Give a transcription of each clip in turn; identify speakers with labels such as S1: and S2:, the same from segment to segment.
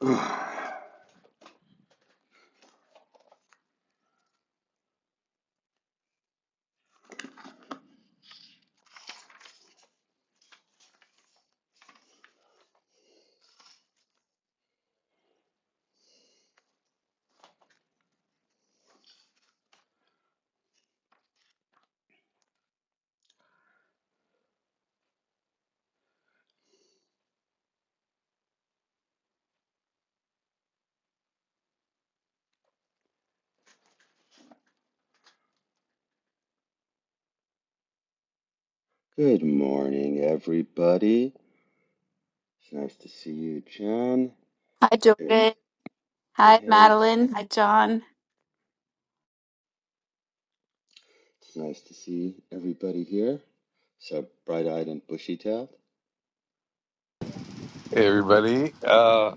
S1: Good morning, everybody. It's nice to see you, John.
S2: Hi,
S1: It's
S2: Jordan. Hi,
S1: hey,
S2: Madeline. Hi, John.
S1: it's nice to see everybody here. So bright-eyed and bushy-tailed.
S3: Hey everybody. Uh,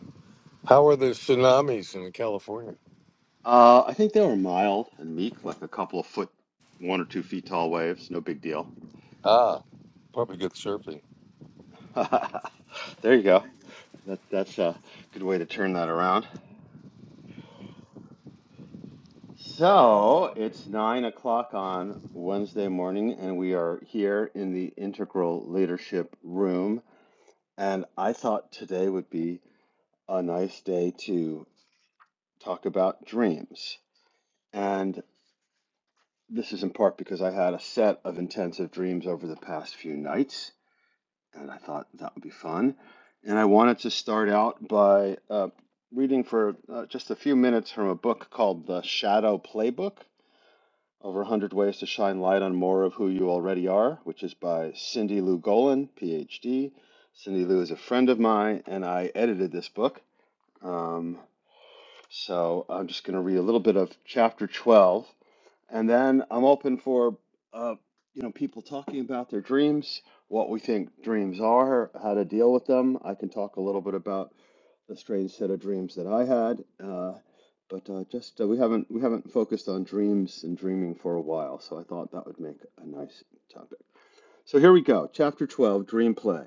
S3: how are the tsunamis in California?
S1: Uh, I think they were mild and meek, like a couple of foot, one or two feet tall waves. No big deal.
S3: Ah, probably good surfing.
S1: there you go. That that's a good way to turn that around. So it's nine o'clock on Wednesday morning, and we are here in the Integral Leadership Room And I thought today would be a nice day to talk about dreams. And this is in part because I had a set of intensive dreams over the past few nights, and I thought that would be fun. And I wanted to start out by uh, reading for uh, just a few minutes from a book called The Shadow Playbook Over 100 Ways to Shine Light on More of Who You Already Are, which is by Cindy Lou Golan, PhD. Cindy Lou is a friend of mine, and I edited this book. Um, So I'm just going to read a little bit of chapter 12, and then I'm open for uh, you know people talking about their dreams, what we think dreams are, how to deal with them. I can talk a little bit about the strange set of dreams that I had, uh, but uh, just uh, we haven't we haven't focused on dreams and dreaming for a while, so I thought that would make a nice topic. So here we go, chapter 12, dream play.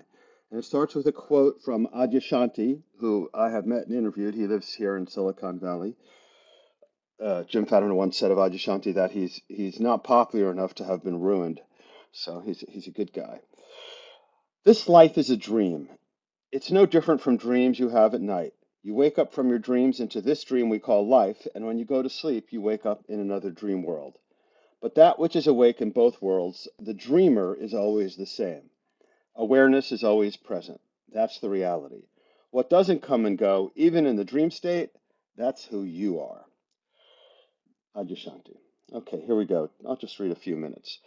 S1: And it starts with a quote from Adyashanti, who I have met and interviewed. He lives here in Silicon Valley uh, Jim Fadiman once said of Ajashanti that he's he's not popular enough to have been ruined, so he's he's a good guy. This life is a dream. It's no different from dreams you have at night. You wake up from your dreams into this dream we call life, and when you go to sleep, you wake up in another dream world. But that which is awake in both worlds, the dreamer is always the same. Awareness is always present. That's the reality. What doesn't come and go, even in the dream state, that's who you are. Ajashanti. Okay, here we go. I'll just read a few minutes.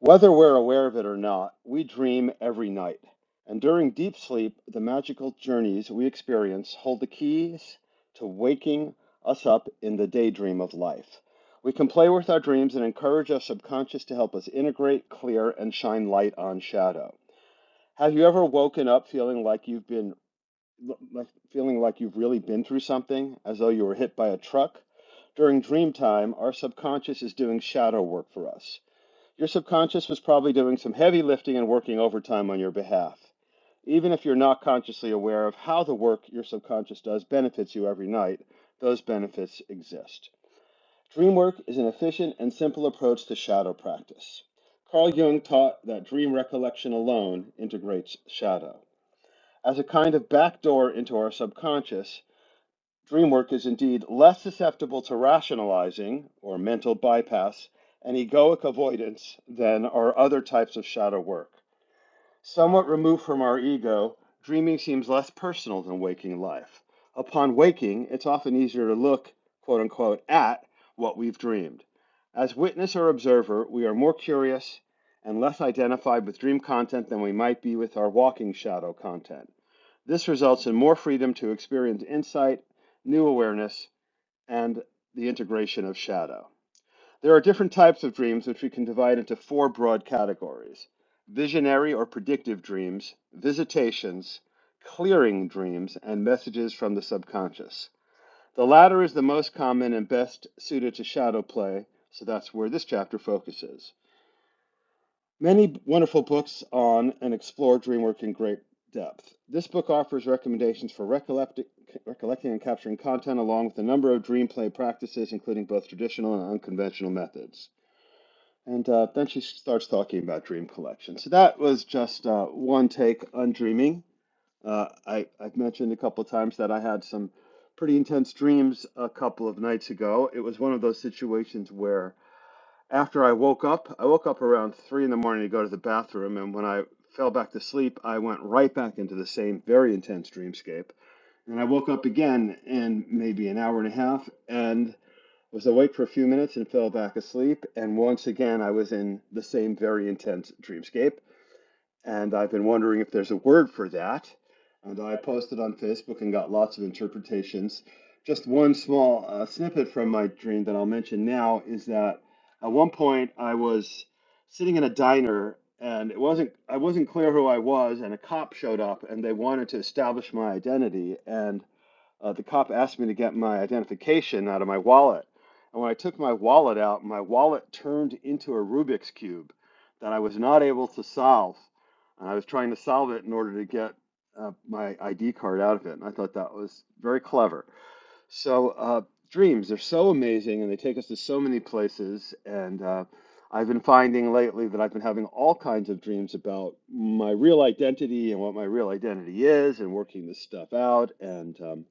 S1: Whether we're aware of it or not, we dream every night. And during deep sleep, the magical journeys we experience hold the keys to waking us up in the daydream of life. We can play with our dreams and encourage our subconscious to help us integrate, clear, and shine light on shadow. Have you ever woken up feeling like you've been l- like feeling like you've really been through something, as though you were hit by a truck. During dream time, our subconscious is doing shadow work for us. Your subconscious was probably doing some heavy lifting and working overtime on your behalf. Even if you're not consciously aware of how the work your subconscious does benefits you every night, those benefits exist. Dream work is an efficient and simple approach to shadow practice. Carl Jung taught that dream recollection alone integrates shadow. As a kind of backdoor into our subconscious, Dreamwork is indeed less susceptible to rationalizing or mental bypass and egoic avoidance than are other types of shadow work. Somewhat removed from our ego, dreaming seems less personal than waking life. Upon waking, it's often easier to look, quote unquote, at what we've dreamed. As witness or observer, we are more curious and less identified with dream content than we might be with our walking shadow content. This results in more freedom to experience insight, new awareness, and the integration of shadow. There are different types of dreams which we can divide into four broad categories visionary or predictive dreams, visitations, clearing dreams, and messages from the subconscious. The latter is the most common and best suited to shadow play, so that's where this chapter focuses. Many wonderful books on and explore DreamWork in great depth. This book offers recommendations for recollecting, and capturing content, along with a number of dreamplay practices, including both traditional and unconventional methods. And uh, then she starts talking about dream collection. So that was just uh, one take on dreaming. Uh, I, I've mentioned a couple of times that I had some pretty intense dreams a couple of nights ago. It was one of those situations where after I woke up, I woke up around three in the morning to go to the bathroom, and when I fell back to sleep, I went right back into the same very intense dreamscape. And I woke up again in maybe an hour and a half and was awake for a few minutes and fell back asleep. And once again, I was in the same very intense dreamscape and I've been wondering if there's a word for that. And I posted on Facebook and got lots of interpretations. Just one small uh, snippet from my dream that I'll mention now is that at one point I was sitting in a diner and it wasn't I wasn't clear who I was and a cop showed up and they wanted to establish my identity and uh, the cop asked me to get my identification out of my wallet. And when I took my wallet out, my wallet turned into a Rubik's Cube that I was not able to solve. And I was trying to solve it in order to get uh, my ID card out of it. And I thought that was very clever. So, uh, dreams, are so amazing and they take us to so many places. And uh, I've been finding lately that I've been having all kinds of dreams about my real identity and what my real identity is and working this stuff out. And, um,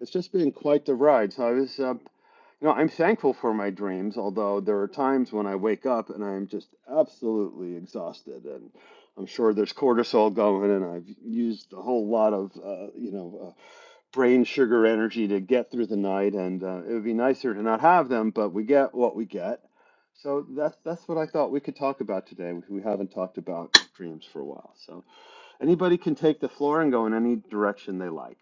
S1: it's just been quite the ride. So I was, uh, you know, I'm thankful for my dreams, although there are times when I wake up and I'm just absolutely exhausted. And I'm sure there's cortisol going, and I've used a whole lot of, uh, you know, uh, brain sugar energy to get through the night. And uh, it would be nicer to not have them, but we get what we get. So that's that's what I thought we could talk about today. We we haven't talked about dreams for a while. So anybody can take the floor and go in any direction they like.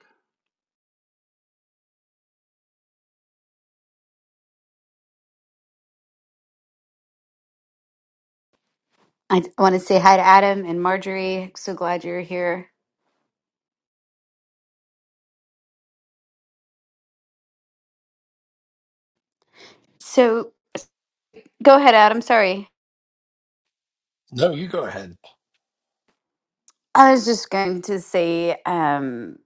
S2: I want to say hi to Adam and Marjorie. So glad you're here. So go ahead, Adam. Sorry.
S4: No, you go ahead.
S2: I was just going to say um,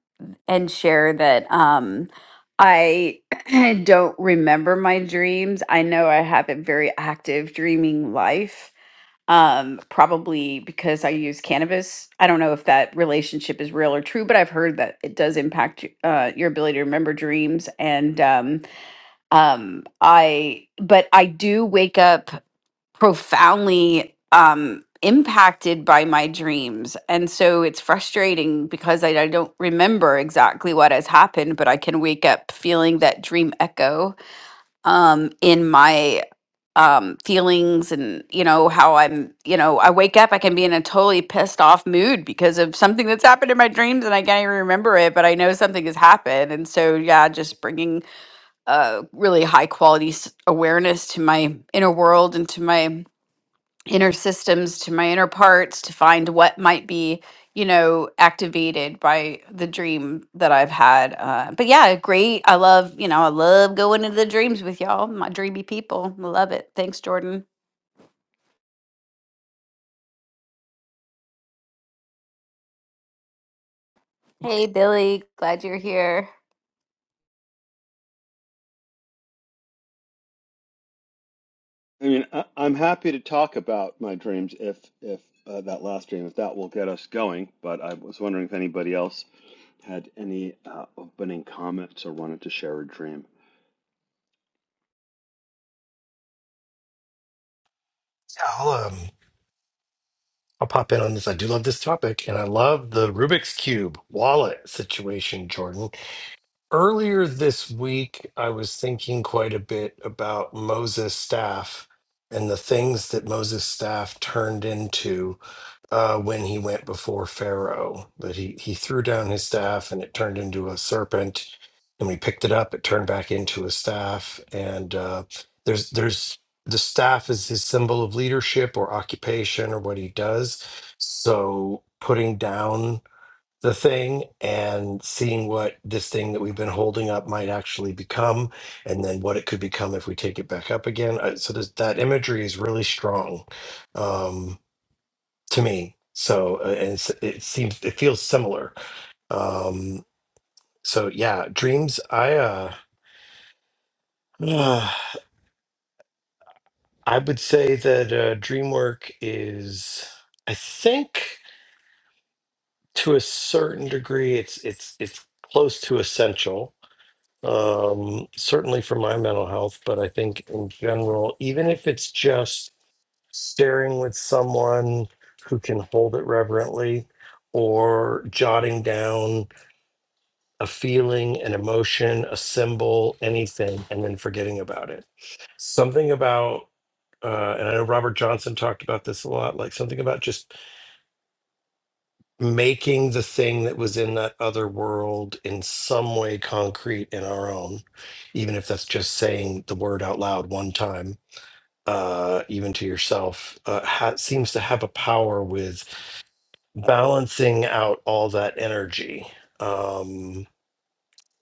S2: and share that um, I don't remember my dreams. I know I have a very active dreaming life, um, probably because I use cannabis. I don't know if that relationship is real or true, but I've heard that it does impact y- uh, your ability to remember dreams. And um, um i but i do wake up profoundly um impacted by my dreams and so it's frustrating because I, I don't remember exactly what has happened but i can wake up feeling that dream echo um in my um feelings and you know how i'm you know i wake up i can be in a totally pissed off mood because of something that's happened in my dreams and i can't even remember it but i know something has happened and so yeah just bringing uh, really high quality s- awareness to my inner world and to my inner systems, to my inner parts, to find what might be, you know, activated by the dream that I've had. Uh, but yeah, great. I love, you know, I love going into the dreams with y'all, my dreamy people. I love it. Thanks, Jordan. Hey, Billy. Glad you're here.
S1: I mean, I, I'm happy to talk about my dreams if if uh, that last dream, if that will get us going. But I was wondering if anybody else had any uh, opening comments or wanted to share a dream.
S4: Yeah, I'll um, I'll pop in on this. I do love this topic, and I love the Rubik's Cube wallet situation, Jordan. Earlier this week, I was thinking quite a bit about Moses' staff and the things that Moses' staff turned into. uh, when he went before Pharaoh, that he, he threw down his staff and it turned into a serpent. And we picked it up, it turned back into a staff. And uh, there's there's the staff is his symbol of leadership or occupation or what he does. So putting down the thing and seeing what this thing that we've been holding up might actually become, and then what it could become if we take it back up again. Uh, So there's, that imagery is really strong. Um, to me. So uh, and it's, it seems it feels similar. Um, so yeah, dreams. I uh, uh, I would say that uh, dream work is. I think to a certain degree, it's it's it's close to essential. Um, certainly for my mental health, but I think in general, even if it's just staring with someone who can hold it reverently, or jotting down a feeling, an emotion, a symbol, anything, and then forgetting about it. Something about, uh, and I know Robert Johnson talked about this a lot, like something about just making the thing that was in that other world in some way concrete in our own, even if that's just saying the word out loud one time. Uh, even to yourself, uh, ha- seems to have a power with balancing out all that energy. Um,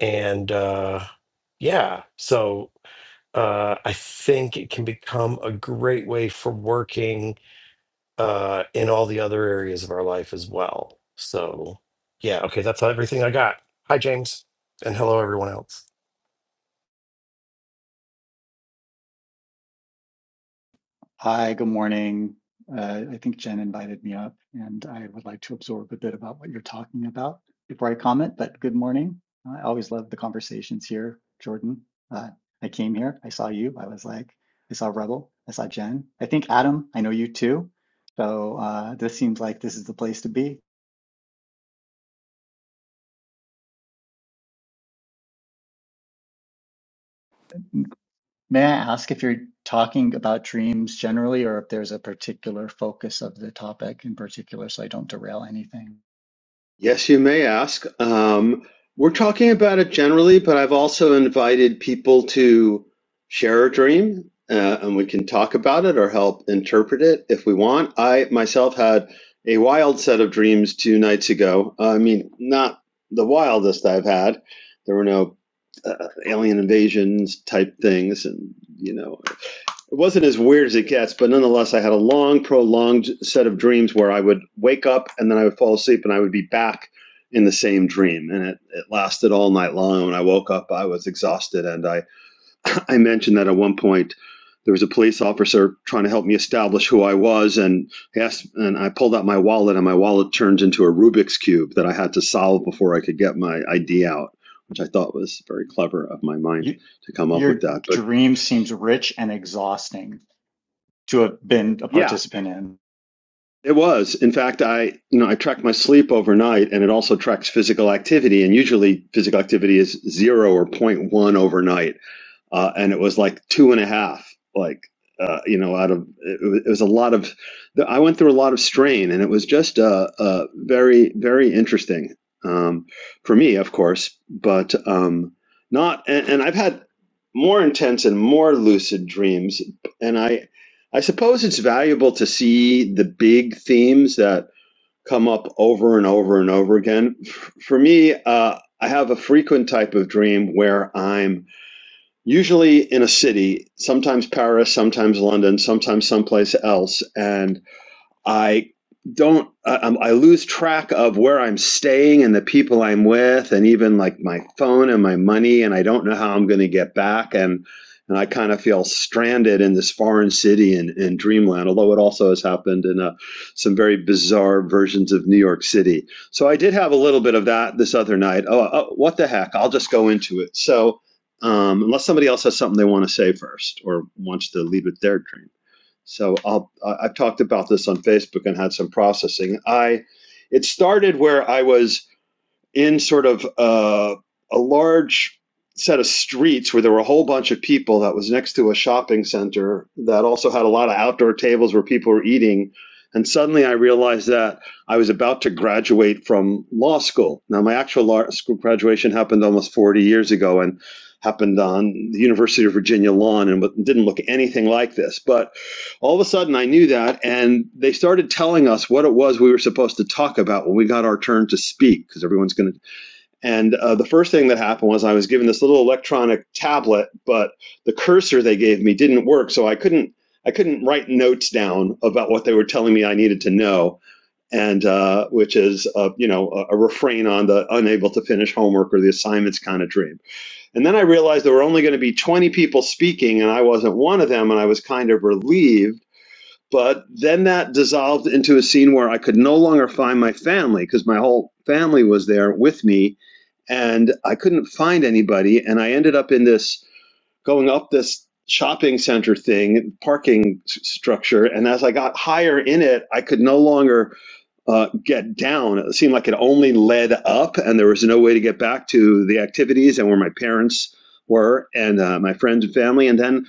S4: and uh, yeah, so uh, I think it can become a great way for working uh, in all the other areas of our life as well. So yeah, okay, that's everything I got. Hi, James, and hello everyone else.
S5: Hi, good morning. Uh, I think Jen invited me up, and I would like to absorb a bit about what you're talking about before I comment, but good morning. I always love the conversations here, Jordan. Uh, I came here, I saw you, I was like, I saw Rebel, I saw Jen. I think Adam, I know you too. So uh, this seems like this is the place to be. M- May I ask if you're talking about dreams generally, or if there's a particular focus of the topic in particular, so I don't derail anything?
S1: Yes, you may ask. Um, we're talking about it generally, but I've also invited people to share a dream, uh, and we can talk about it or help interpret it if we want. I myself had a wild set of dreams two nights ago. I mean, not the wildest I've had. There were no uh, alien invasions type things, and you know. It wasn't as weird as it gets, but nonetheless, I had a long, prolonged set of dreams where I would wake up and then I would fall asleep and I would be back in the same dream. And it, it lasted all night long. When I woke up, I was exhausted. And I, I mentioned that at one point, there was a police officer trying to help me establish who I was. And he asked, and I pulled out my wallet, and my wallet turned into a Rubik's Cube that I had to solve before I could get my ID out, which I thought was very clever of my mind
S5: You,
S1: to come up
S5: your
S1: with that. But
S5: dream seems rich and exhausting to have been a
S1: yeah.
S5: participant in.
S1: It was. In fact, I you know I track my sleep overnight, and it also tracks physical activity. And usually, physical activity is zero or zero point 0.1 overnight uh, and it was like two and a half like uh, you know out of it was, it was a lot of i went through a lot of strain and it was just uh, uh, very very interesting um, for me of course but um, not and, and i've had more intense and more lucid dreams and i i suppose it's valuable to see the big themes that come up over and over and over again F- for me uh, i have a frequent type of dream where i'm usually in a city, sometimes Paris, sometimes London, sometimes someplace else. And I don't I, i lose track of where I'm staying and the people I'm with and even like my phone and my money and I don't know how I'm going to get back and and I kind of feel stranded in this foreign city in, in dreamland, although it also has happened in uh, some very bizarre versions of New York City. So I did have a little bit of that this other night. Oh, oh what the heck? I'll just go into it. So um, unless somebody else has something they want to say first or wants to lead with their dream. So I'll, I- will i have talked about this on Facebook and had some processing. I, it started where I was in sort of a, a large set of streets where there were a whole bunch of people that was next to a shopping center that also had a lot of outdoor tables where people were eating. And suddenly I realized that I was about to graduate from law school. Now, my actual law school graduation happened almost 40 years ago and happened on the University of Virginia lawn and didn't look anything like this. But all of a sudden I knew that, and they started telling us what it was we were supposed to talk about when we got our turn to speak, because everyone's going to. And uh, the first thing that happened was I was given this little electronic tablet, but the cursor they gave me didn't work, so I couldn't. I couldn't write notes down about what they were telling me I needed to know, and uh, which is, uh, you know, a, a refrain on the unable to finish homework or the assignments kind of dream. And then I realized there were only going to be 20 people speaking, and I wasn't one of them, and I was kind of relieved but then that dissolved into a scene where I could no longer find my family because my whole family was there with me and I couldn't find anybody. And I ended up in this going up this shopping center thing, parking s- structure. And as I got higher in it, I could no longer uh, get down. It seemed like it only led up, and there was no way to get back to the activities and where my parents were and uh, my friends and family. And then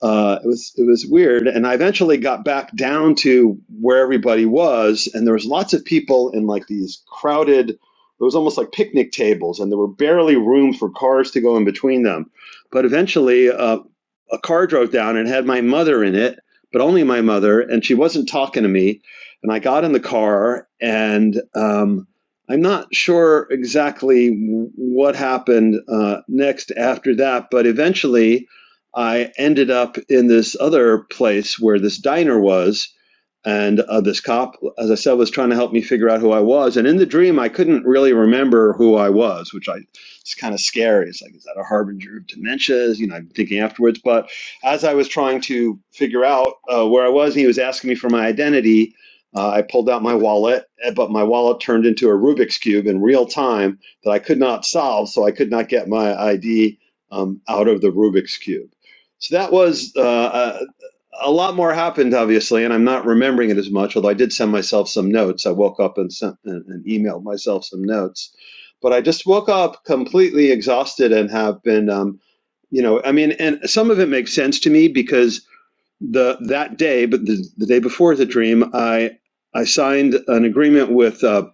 S1: uh, it was it was weird. And I eventually got back down to where everybody was, and there was lots of people in like these crowded. There was almost like picnic tables, and there were barely room for cars to go in between them. But eventually, uh, a car drove down and had my mother in it, but only my mother, and she wasn't talking to me. And I got in the car, and um, I'm not sure exactly what happened uh, next after that, but eventually I ended up in this other place where this diner was and uh, this cop, as I said, was trying to help me figure out who I was. And in the dream, I couldn't really remember who I was, which I it's kind of scary. It's like, is that a harbinger of dementia? You know, I'm thinking afterwards. But as I was trying to figure out uh, where I was, he was asking me for my identity. Uh, I pulled out my wallet, eh, but my wallet turned into a Rubik's cube in real time that I could not solve, so I could not get my ID um, out of the Rubik's cube. So that was uh, uh, a lot more happened, obviously, and I'm not remembering it as much. Although I did send myself some notes. I woke up and sent and, and emailed myself some notes, but I just woke up completely exhausted and have been, um, you know, I mean, and some of it makes sense to me because the that day, but the, the day before the dream, I I signed an agreement with uh,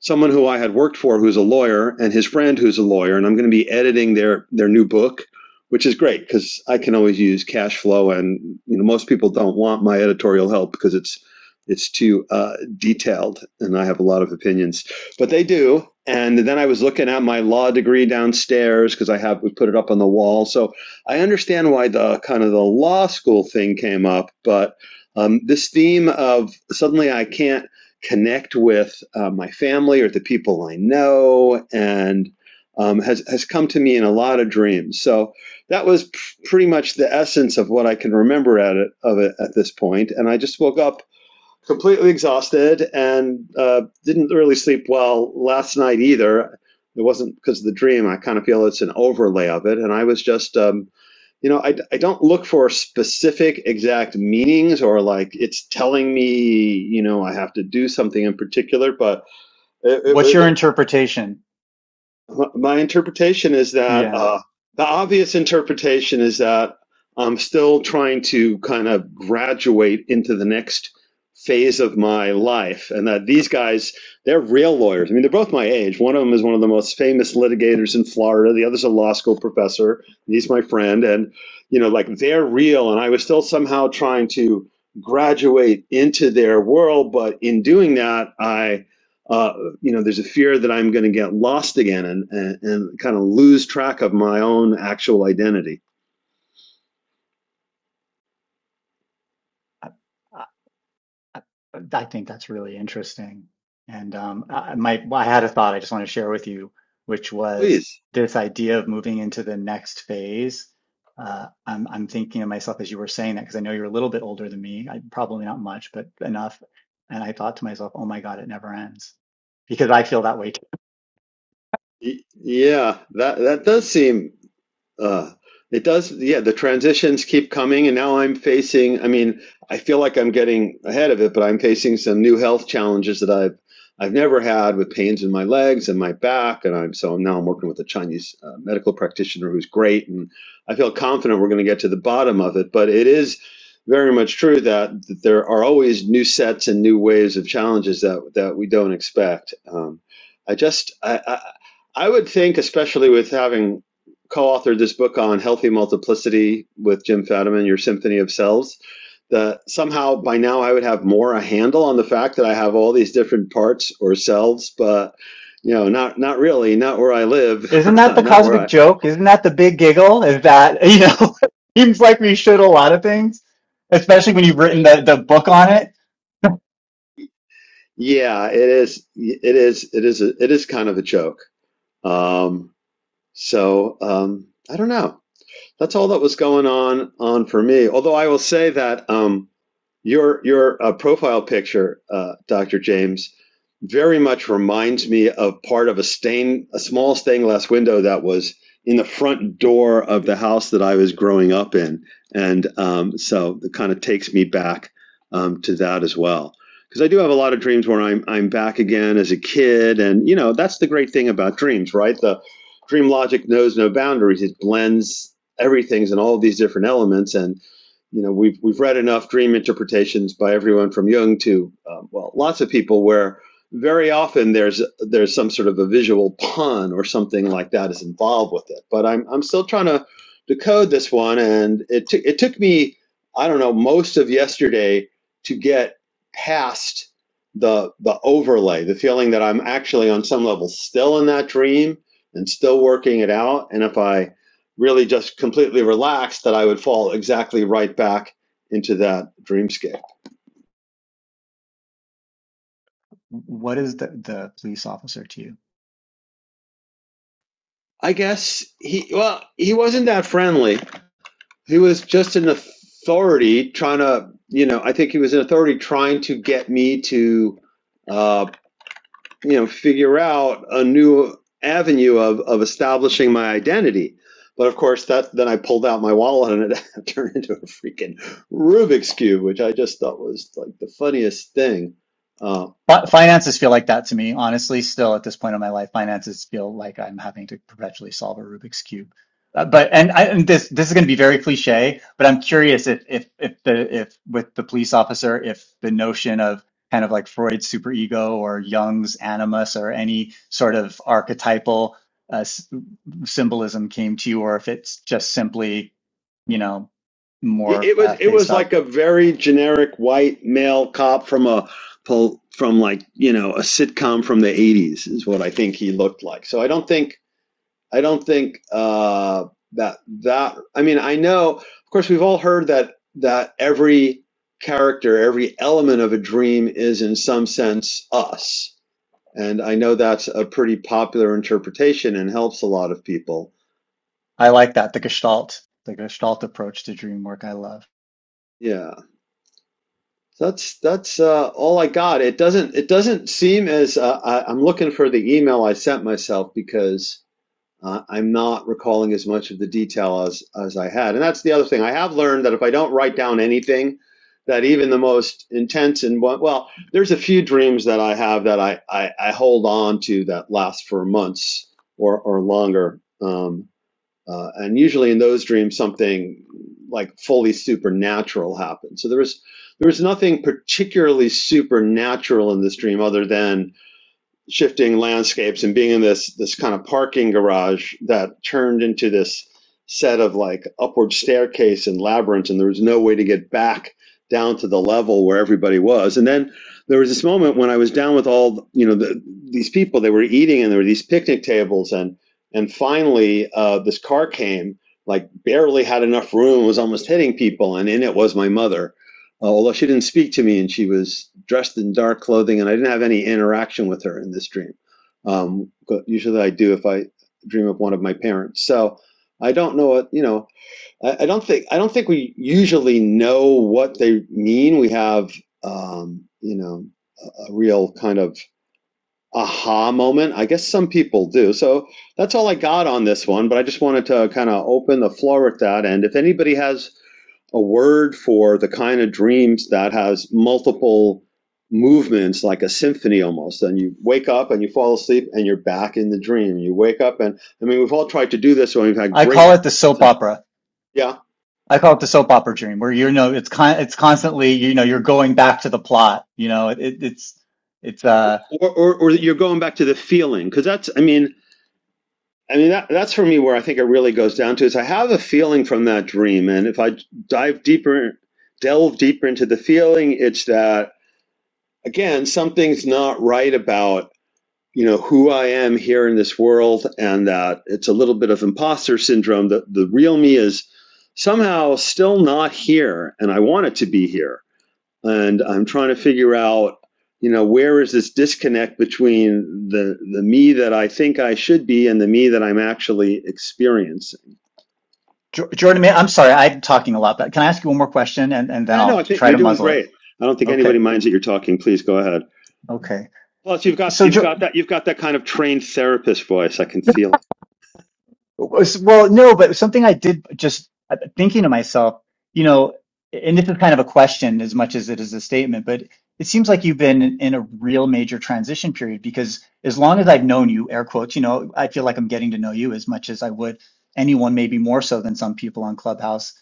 S1: someone who I had worked for who's a lawyer and his friend who's a lawyer, and I'm going to be editing their their new book, which is great because I can always use cash flow, and you know most people don't want my editorial help because it's it's too uh, detailed, and I have a lot of opinions, but they do. And then I was looking at my law degree downstairs because I have we put it up on the wall, so I understand why the kind of the law school thing came up, but um, this theme of suddenly I can't connect with uh, my family or the people I know, and um, has has come to me in a lot of dreams. So that was p- pretty much the essence of what I can remember at it of it at this point. And I just woke up completely exhausted and uh, didn't really sleep well last night either. It wasn't because of the dream. I kind of feel it's an overlay of it, and I was just um, you know, I, I don't look for specific exact meanings or like it's telling me, you know, I have to do something in particular, but it, it
S5: What's
S1: was
S5: your interpretation?
S1: my interpretation is that
S5: Yeah,
S1: uh, the obvious interpretation is that I'm still trying to kind of graduate into the next phase of my life, and that these guys, they're real lawyers. I mean, they're both my age. One of them is one of the most famous litigators in Florida. The other's a law school professor. And He's my friend, and you know, like they're real. And I was still somehow trying to graduate into their world, but in doing that, I uh, you know, there's a fear that I'm going to get lost again and, and, and kind of lose track of my own actual identity.
S5: I, I, I think that's really interesting. And um, I, my, I had a thought I just want to share with you, which was
S1: Please.
S5: this idea of moving into the next phase. Uh, I'm, I'm thinking of myself as you were saying that because I know you're a little bit older than me. I, probably not much, but enough. And I thought to myself, oh my God, it never ends because I feel that way
S1: Y- yeah, that, that does seem Uh, it does, yeah, the transitions keep coming, and now I'm facing, I mean, I feel like I'm getting ahead of it, but I'm facing some new health challenges that I've I've never had with pains in my legs and my back, and I'm so now I'm working with a Chinese uh, medical practitioner who's great, and I feel confident we're going to get to the bottom of it. But it is very much true that, that there are always new sets and new waves of challenges that that we don't expect. Um, I just I, I I would think, especially with having co-authored this book on healthy multiplicity with Jim Fadiman, Your Symphony of Selves. That somehow by now I would have more a handle on the fact that I have all these different parts or selves, but you know, not not really, not where I live,
S5: Isn't that the
S1: not where
S5: cosmic
S1: I.
S5: joke? Isn't that the big giggle? Is that, you know, seems like we should a lot of things, especially when you've written the, the book on it.
S1: Yeah, it is, it is, it is, a, it is kind of a joke. Um, so um, I don't know. That's all that was going on on for me. Although I will say that um, Your your uh, profile picture, uh, Dr. James, very much reminds me of part of a stain, a small stained glass window that was in the front door of the house that I was growing up in, and um, so it kind of takes me back um, to that as well. Because I do have a lot of dreams where I'm I'm back again as a kid, and you know that's the great thing about dreams, right? The dream logic knows no boundaries; it blends everything's in all of these different elements, and you know we've we've read enough dream interpretations by everyone from Jung to um, well lots of people where very often there's there's some sort of a visual pun or something like that is involved with it. But I'm I'm still trying to decode this one, and it took it took me I don't know most of yesterday to get past the the overlay, the feeling that I'm actually on some level still in that dream and still working it out. And if I really just completely relaxed that I would fall exactly right back into that dreamscape.
S5: What is the, the police officer to you?
S1: I guess he well, he wasn't that friendly. He was just an authority trying to, you know, I think he was an authority trying to get me to uh, you know, figure out a new avenue of of establishing my identity. But of course, that then I pulled out my wallet and it turned into a freaking Rubik's cube, which I just thought was like the funniest thing. Uh,
S5: Fi- Finances feel like that to me, honestly, still at this point in my life, finances feel like I'm having to perpetually solve a Rubik's cube. Uh, but and, I, and this this is going to be very cliche, but I'm curious if if if the if with the police officer, if the notion of kind of like Freud's superego or Jung's animus or any sort of archetypal uh, s- symbolism came to you, or if it's just simply, you know,
S1: It,
S5: more
S1: it was
S5: uh,
S1: it
S5: face
S1: was
S5: value.
S1: like a very generic white male cop from a pol- from like you know a sitcom from the eighties is what I think he looked like. So I don't think I don't think uh, that that I mean I know of course we've all heard that that every character every element of a dream is in some sense us and i know that's a pretty popular interpretation and helps a lot of people
S5: I like that the Gestalt, the Gestalt approach to dream work. I love.
S1: Yeah. That's that's uh, all I got. It doesn't it doesn't seem as uh, I, I'm looking for the email I sent myself because uh, I'm not recalling as much of the detail as as I had. And that's the other thing. I have learned that if I don't write down anything, that even the most intense and well, there's a few dreams that I have that I I, I hold on to that last for months or or longer. Um, uh, and usually in those dreams, something like fully supernatural happened. So there was there was nothing particularly supernatural in this dream, other than shifting landscapes and being in this this kind of parking garage that turned into this set of like upward staircase and labyrinth and there was no way to get back down to the level where everybody was and then there was this moment when i was down with all you know the, these people they were eating and there were these picnic tables and and finally uh, this car came like barely had enough room was almost hitting people and in it was my mother uh, although she didn't speak to me and she was dressed in dark clothing and I didn't have any interaction with her in this dream. Um, but usually I do if I dream of one of my parents. So I don't know what you know. I, I don't think I don't think we usually know what they mean. We have um, you know a, a real kind of aha moment. I guess some people do. So that's all I got on this one. But I just wanted to kind of open the floor with that. And if anybody has a word for the kind of dreams that has multiple movements like a symphony almost and you wake up and you fall asleep and you're back in the dream you wake up and i mean we've all tried to do this when we've had
S5: I
S1: great
S5: call it the soap opera.
S1: yeah
S5: I call it the soap opera dream, where you know it's con- it's constantly you know you're going back to the plot. You know it, it, it's it's uh
S1: or, or, or you're going back to the feeling because that's i mean i mean that, that's for me where i think it really goes down to is i have a feeling from that dream and if i dive deeper delve deeper into the feeling it's that again something's not right about you know who I am here in this world, and that it's a little bit of imposter syndrome. That the real me is somehow still not here, and I want it to be here. And I'm trying to figure out, you know, where is this disconnect between the the me that I think I should be and the me that I'm actually experiencing?
S5: Jo- Jordan. may- I'm sorry, I'm talking a lot, but can I ask you one more question, and and then
S1: Yeah, no, I
S5: I'll
S1: think
S5: try
S1: you're
S5: to
S1: doing
S5: muzzle it.
S1: great. I don't think anybody
S5: Okay.
S1: minds that you're talking. Please go ahead.
S5: Okay.
S1: Plus, you've got
S5: So,
S1: you've
S5: Jo-
S1: got that you've got that kind of trained therapist voice. I can feel. it.
S5: well, no, but something I did just uh, thinking to myself, you know, and this is kind of a question as much as it is a statement, but it seems like you've been in in a real major transition period because as long as I've known you, air quotes, you know, I feel like I'm getting to know you as much as I would anyone, maybe more so than some people on Clubhouse,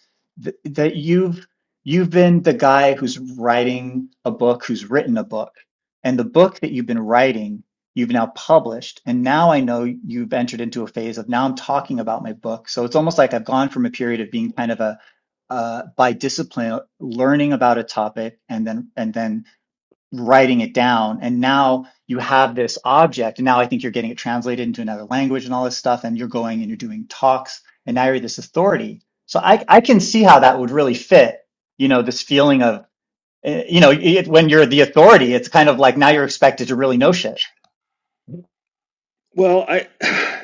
S5: th- that you've you've been the guy who's writing a book, who's written a book, and the book that you've been writing you've now published and now i know you've entered into a phase of now i'm talking about my book so it's almost like i've gone from a period of being kind of a uh, by discipline learning about a topic and then and then writing it down and now you have this object and now i think you're getting it translated into another language and all this stuff and you're going and you're doing talks and now you're this authority so i i can see how that would really fit you know this feeling of eh, you know it, when you're the authority it's kind of like now you're expected to really know shit
S1: Well, I.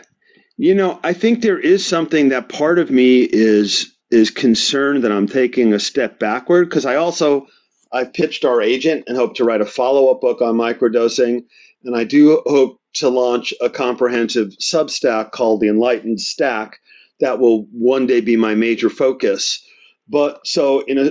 S1: You know, I think there is something that part of me is is concerned that I'm taking a step backward because I also I pitched our agent and hope to write a follow up book on microdosing, and I do hope to launch a comprehensive Substack called the Enlightened Stack that will one day be my major focus. But so in a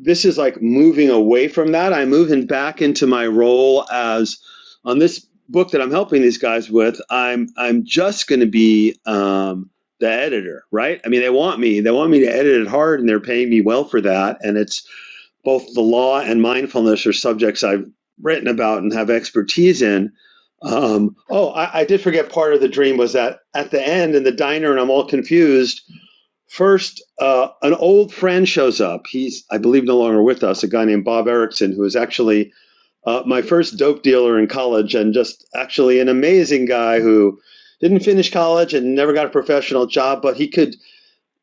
S1: this is like moving away from that. I'm moving back into my role as on this book that I'm helping these guys with, I'm I'm just going to be um, the editor, right? I mean, they want me, they want me to edit it hard, and they're paying me well for that. And it's both the law and mindfulness are subjects I've written about and have expertise in. Um, oh, I, I did forget part of the dream was that at the end in the diner, and I'm all confused. First, uh, an old friend shows up. He's, I believe, no longer with us. A guy named Bob Erickson, who is actually uh, my first dope dealer in college, and just actually an amazing guy who didn't finish college and never got a professional job, but he could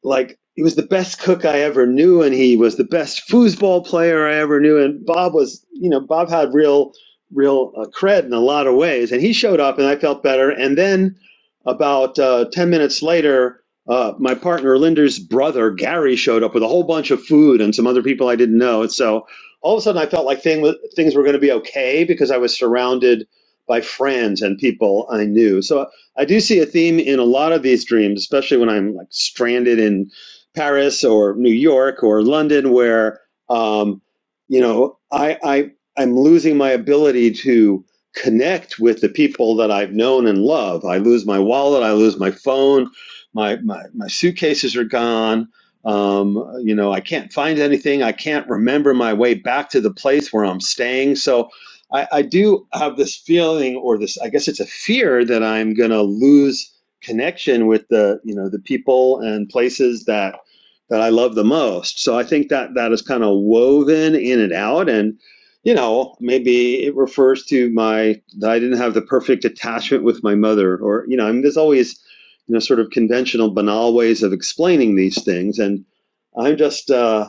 S1: like he was the best cook I ever knew, and he was the best foosball player I ever knew. And Bob was, you know, Bob had real, real uh, cred in a lot of ways. And he showed up, and I felt better. And then about uh, ten minutes later, uh, my partner Linda's brother Gary showed up with a whole bunch of food and some other people I didn't know. And so all of a sudden, I felt like thing, things were going to be okay because I was surrounded by friends and people I knew. So I do see a theme in a lot of these dreams, especially when I'm like stranded in Paris or New York or London, where um, you know I, I I'm losing my ability to connect with the people that I've known and love. I lose my wallet. I lose my phone. My my, my suitcases are gone. Um, you know, I can't find anything. I can't remember my way back to the place where I'm staying. So I, I do have this feeling, or this, I guess it's a fear that I'm going to lose connection with the, you know, the people and places that that I love the most. So I think that that is kind of woven in and out, and you know, maybe it refers to my that I didn't have the perfect attachment with my mother, or you know, I mean, there's always you know sort of conventional, banal ways of explaining these things, and I'm just uh,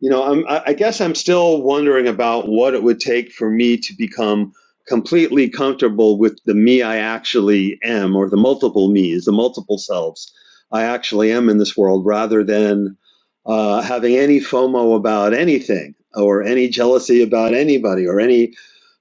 S1: you know, I'm, I guess I'm still wondering about what it would take for me to become completely comfortable with the me I actually am, or the multiple me's, the multiple selves I actually am in this world, rather than uh, having any FOMO about anything, or any jealousy about anybody, or any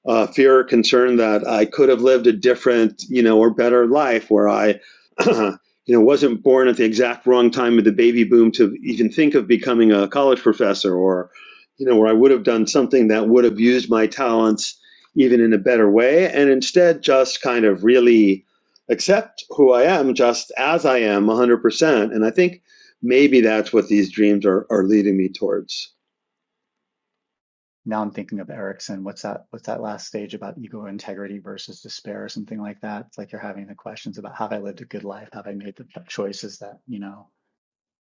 S1: uh, fear or concern that I could have lived a different, you know, or better life where I you know, wasn't born at the exact wrong time of the baby boom to even think of becoming a college professor or, you know, where I would have done something that would have used my talents even in a better way. And instead, just kind of really accept who I am just as I am 100%. And I think maybe that's what these dreams are, are leading me towards.
S5: now I'm thinking of Erickson. What's that? What's that last stage about ego integrity versus despair or something like that? It's like you're having the questions about have I lived a good life? Have I made the choices that, you know,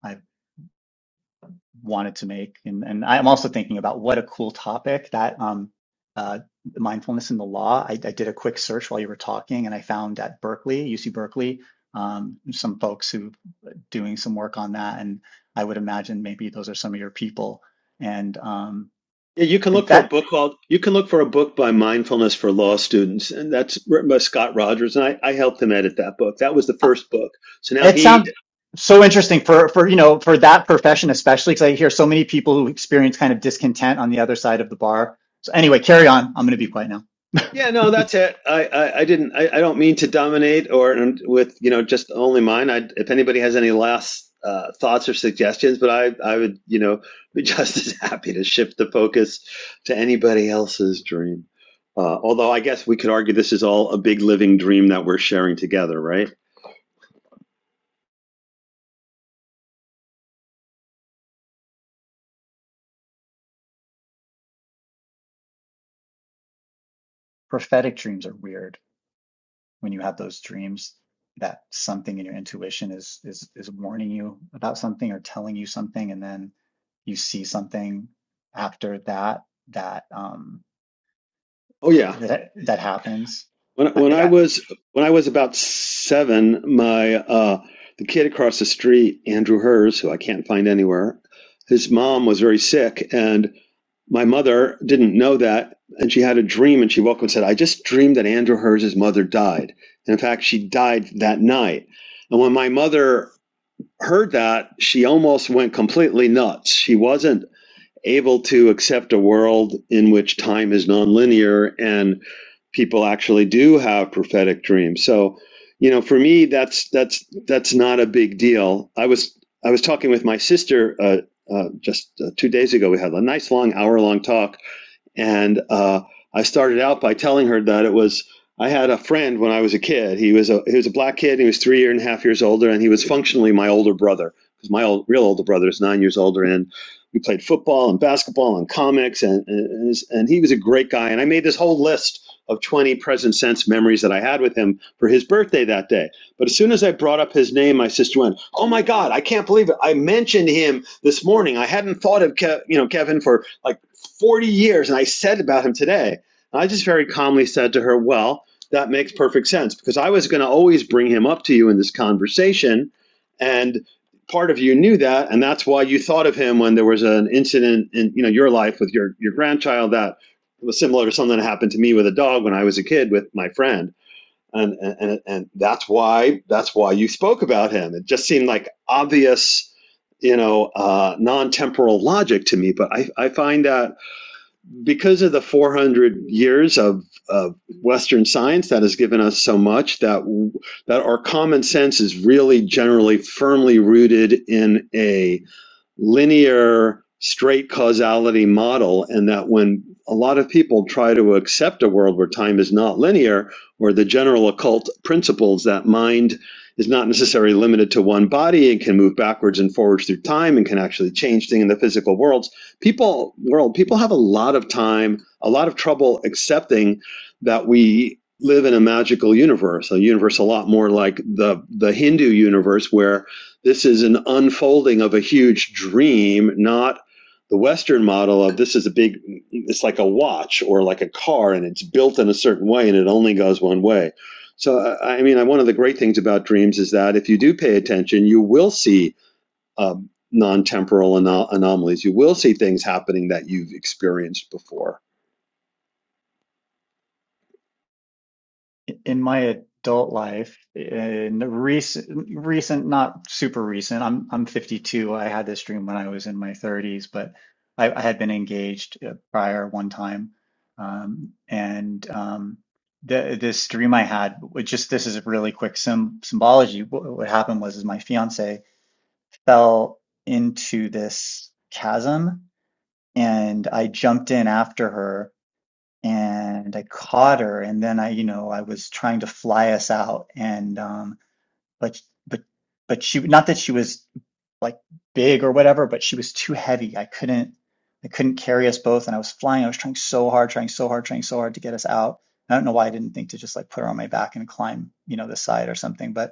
S5: I wanted to make? And and I'm also thinking about what a cool topic that um uh mindfulness in the law. I, I did a quick search while you were talking and I found at Berkeley, UC Berkeley, um, some folks who doing some work on that. And I would imagine maybe those are some of your people. And um,
S1: Yeah, You can look for a
S5: that
S1: book called, you can look for a book by Mindfulness for Law Students. And that's written by Scott Rogers. And I, I helped him edit that book. That was the
S5: uh,
S1: first book. So now
S5: it
S1: he
S5: sounds so interesting for for you know for that profession especially because I hear so many people who experience kind of discontent on the other side of the bar. So anyway, carry on. I'm going to be quiet now.
S1: Yeah, no, that's it. I, I, I didn't. I, I don't mean to dominate or with you know just only mine. I, if anybody has any last uh, thoughts or suggestions, but I, I would you know be just as happy to shift the focus to anybody else's dream. Uh, although I guess we could argue this is all a big living dream that we're sharing together, right?
S5: Prophetic dreams are weird. when you have those dreams that something in your intuition is is is warning you about something or telling you something and then you see something after that that um
S1: Oh yeah,
S5: that that happens
S1: When
S5: I,
S1: when I
S5: I,
S1: was when I was about seven, my uh, the kid across the street, Andrew Hers, who I can't find anywhere, his mom was very sick, and my mother didn't know that, and she had a dream, and she woke up and said, "I just dreamed that Andrew Hers' mother died," and in fact, she died that night. And when my mother heard that, she almost went completely nuts. She wasn't able to accept a world in which time is nonlinear and people actually do have prophetic dreams. So, you know, for me, that's that's that's not a big deal. I was I was talking with my sister uh, uh, just uh, two days ago. We had a nice long hour long talk and uh, I started out by telling her that it was I had a friend when I was a kid. He was a he was a black kid. And He was three year and a half years older, and he was functionally my older brother because my old, real older brother is nine years older. And we played football and basketball and comics, and and, and he was a great guy. And I made this whole list of 20 present sense memories that I had with him for his birthday that day. But as soon as I brought up his name, my sister went, "Oh my God, I can't believe it! I mentioned him this morning. I hadn't thought of Kev, you know Kevin for like." 40 years. And I said about him today, I just very calmly said to her, Well, that makes perfect sense because I was going to always bring him up to you in this conversation. And part of you knew that. And that's why you thought of him when there was an incident in you know your life with your, your grandchild that was similar to something that happened to me with a dog when I was a kid with my friend. And, and, and and that's why that's why you spoke about him. It just seemed like obvious, you know, uh, non-temporal logic to me. But I, I find that because of the 400 years of, of Western science that has given us so much that that our common sense is really generally firmly rooted in a linear straight causality model and that when a lot of people try to accept a world where time is not linear or the general occult principles that mind is not necessarily limited to one body and can move backwards and forwards through time and can actually change things in the physical worlds people world people have a lot of time a lot of trouble accepting that we live in a magical universe a universe a lot more like the the hindu universe where this is an unfolding of a huge dream, not the Western model of this is a big, it's like a watch or like a car and it's built in a certain way and it only goes one way. So, I mean, one of the great things about dreams is that if you do pay attention, you will see um, non temporal ano- anomalies. You will see things happening that you've experienced before.
S5: in my adult life, in the recent, recent, not super recent. I'm I'm 52. I had this dream when I was in my 30s, but I, I had been engaged uh, prior one time, um, and um, the this dream I had, which just this is a really quick sym symbology. What, what happened was, is my fiance fell into this chasm, and I jumped in after her and I caught her and then I, you know, I was trying to fly us out and um but but but she not that she was like big or whatever, but she was too heavy. I couldn't I couldn't carry us both and I was flying. I was trying so hard, trying so hard, trying so hard to get us out. I don't know why I didn't think to just like put her on my back and climb, you know, the side or something, but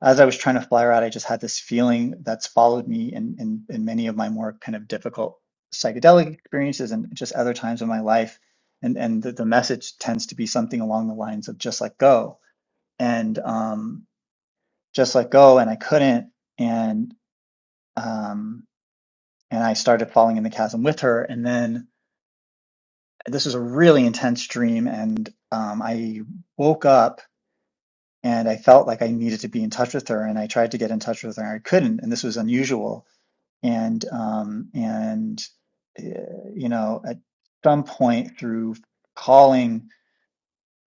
S5: as I was trying to fly around, I just had this feeling that's followed me in, in, in many of my more kind of difficult psychedelic experiences and just other times in my life. And, and the, the message tends to be something along the lines of just let go and um, just let go. And I couldn't. And, um, and I started falling in the chasm with her. And then this was a really intense dream. And um, I woke up and I felt like I needed to be in touch with her. And I tried to get in touch with her and I couldn't. And this was unusual and um, and uh, you know at some point through calling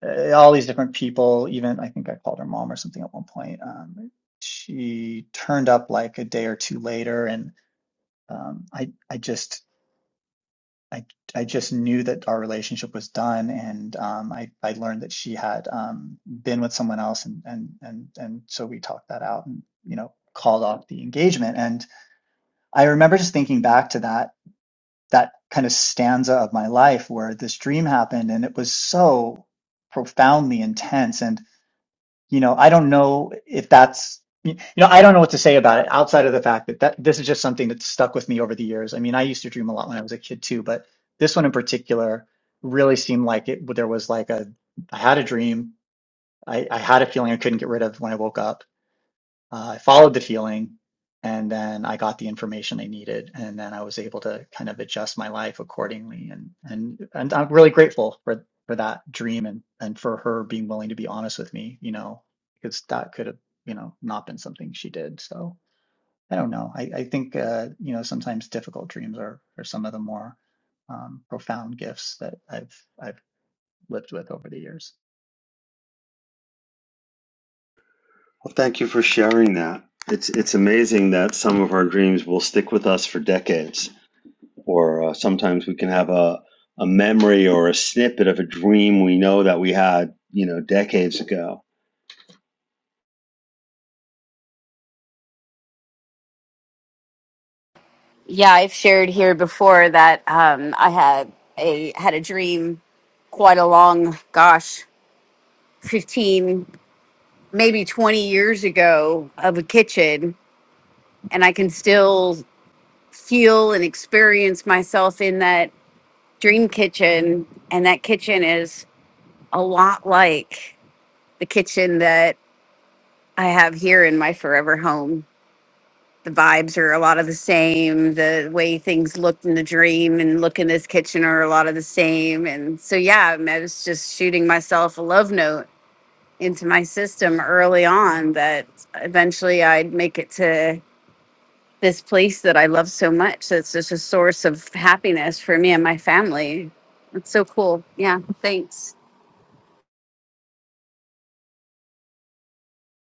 S5: uh, all these different people even i think i called her mom or something at one point um, she turned up like a day or two later and um, i i just I, I just knew that our relationship was done, and um, I, I learned that she had um, been with someone else, and, and and and so we talked that out, and you know called off the engagement. And I remember just thinking back to that that kind of stanza of my life where this dream happened and it was so profoundly intense. And, you know, I don't know if that's, you know, I don't know what to say about it outside of the fact that, that this is just something that's stuck with me over the years. I mean, I used to dream a lot when I was a kid too, but this one in particular really seemed like it, there was like a, I had a dream. I, I had a feeling I couldn't get rid of when I woke up uh, I followed the feeling and then I got the information I needed and then I was able to kind of adjust my life accordingly and and and I'm really grateful for for that dream and and for her being willing to be honest with me, you know, because that could have, you know, not been something she did. So I don't know. I, I think uh, you know, sometimes difficult dreams are are some of the more um, profound gifts that I've I've lived with over the years.
S1: Well, thank you for sharing that. It's, it's amazing that some of our dreams will stick with us for decades. or uh, sometimes we can have a, a memory or a snippet of a dream we know that we had, you know, decades ago.
S2: Yeah, I've shared here before that um, I had a had a dream quite a long, gosh, 15 maybe 20 years ago of a kitchen and I can still feel and experience myself in that dream kitchen and that kitchen is a lot like the kitchen that I have here in my forever home. The vibes are a lot of the same, the way things looked in the dream and look in this kitchen are a lot of the same and so yeah, I mean, I was just shooting myself a love note into my system early on that eventually I'd make it to this place that I love so much. That's just a source of happiness for me and my family. It's so cool. Yeah, thanks.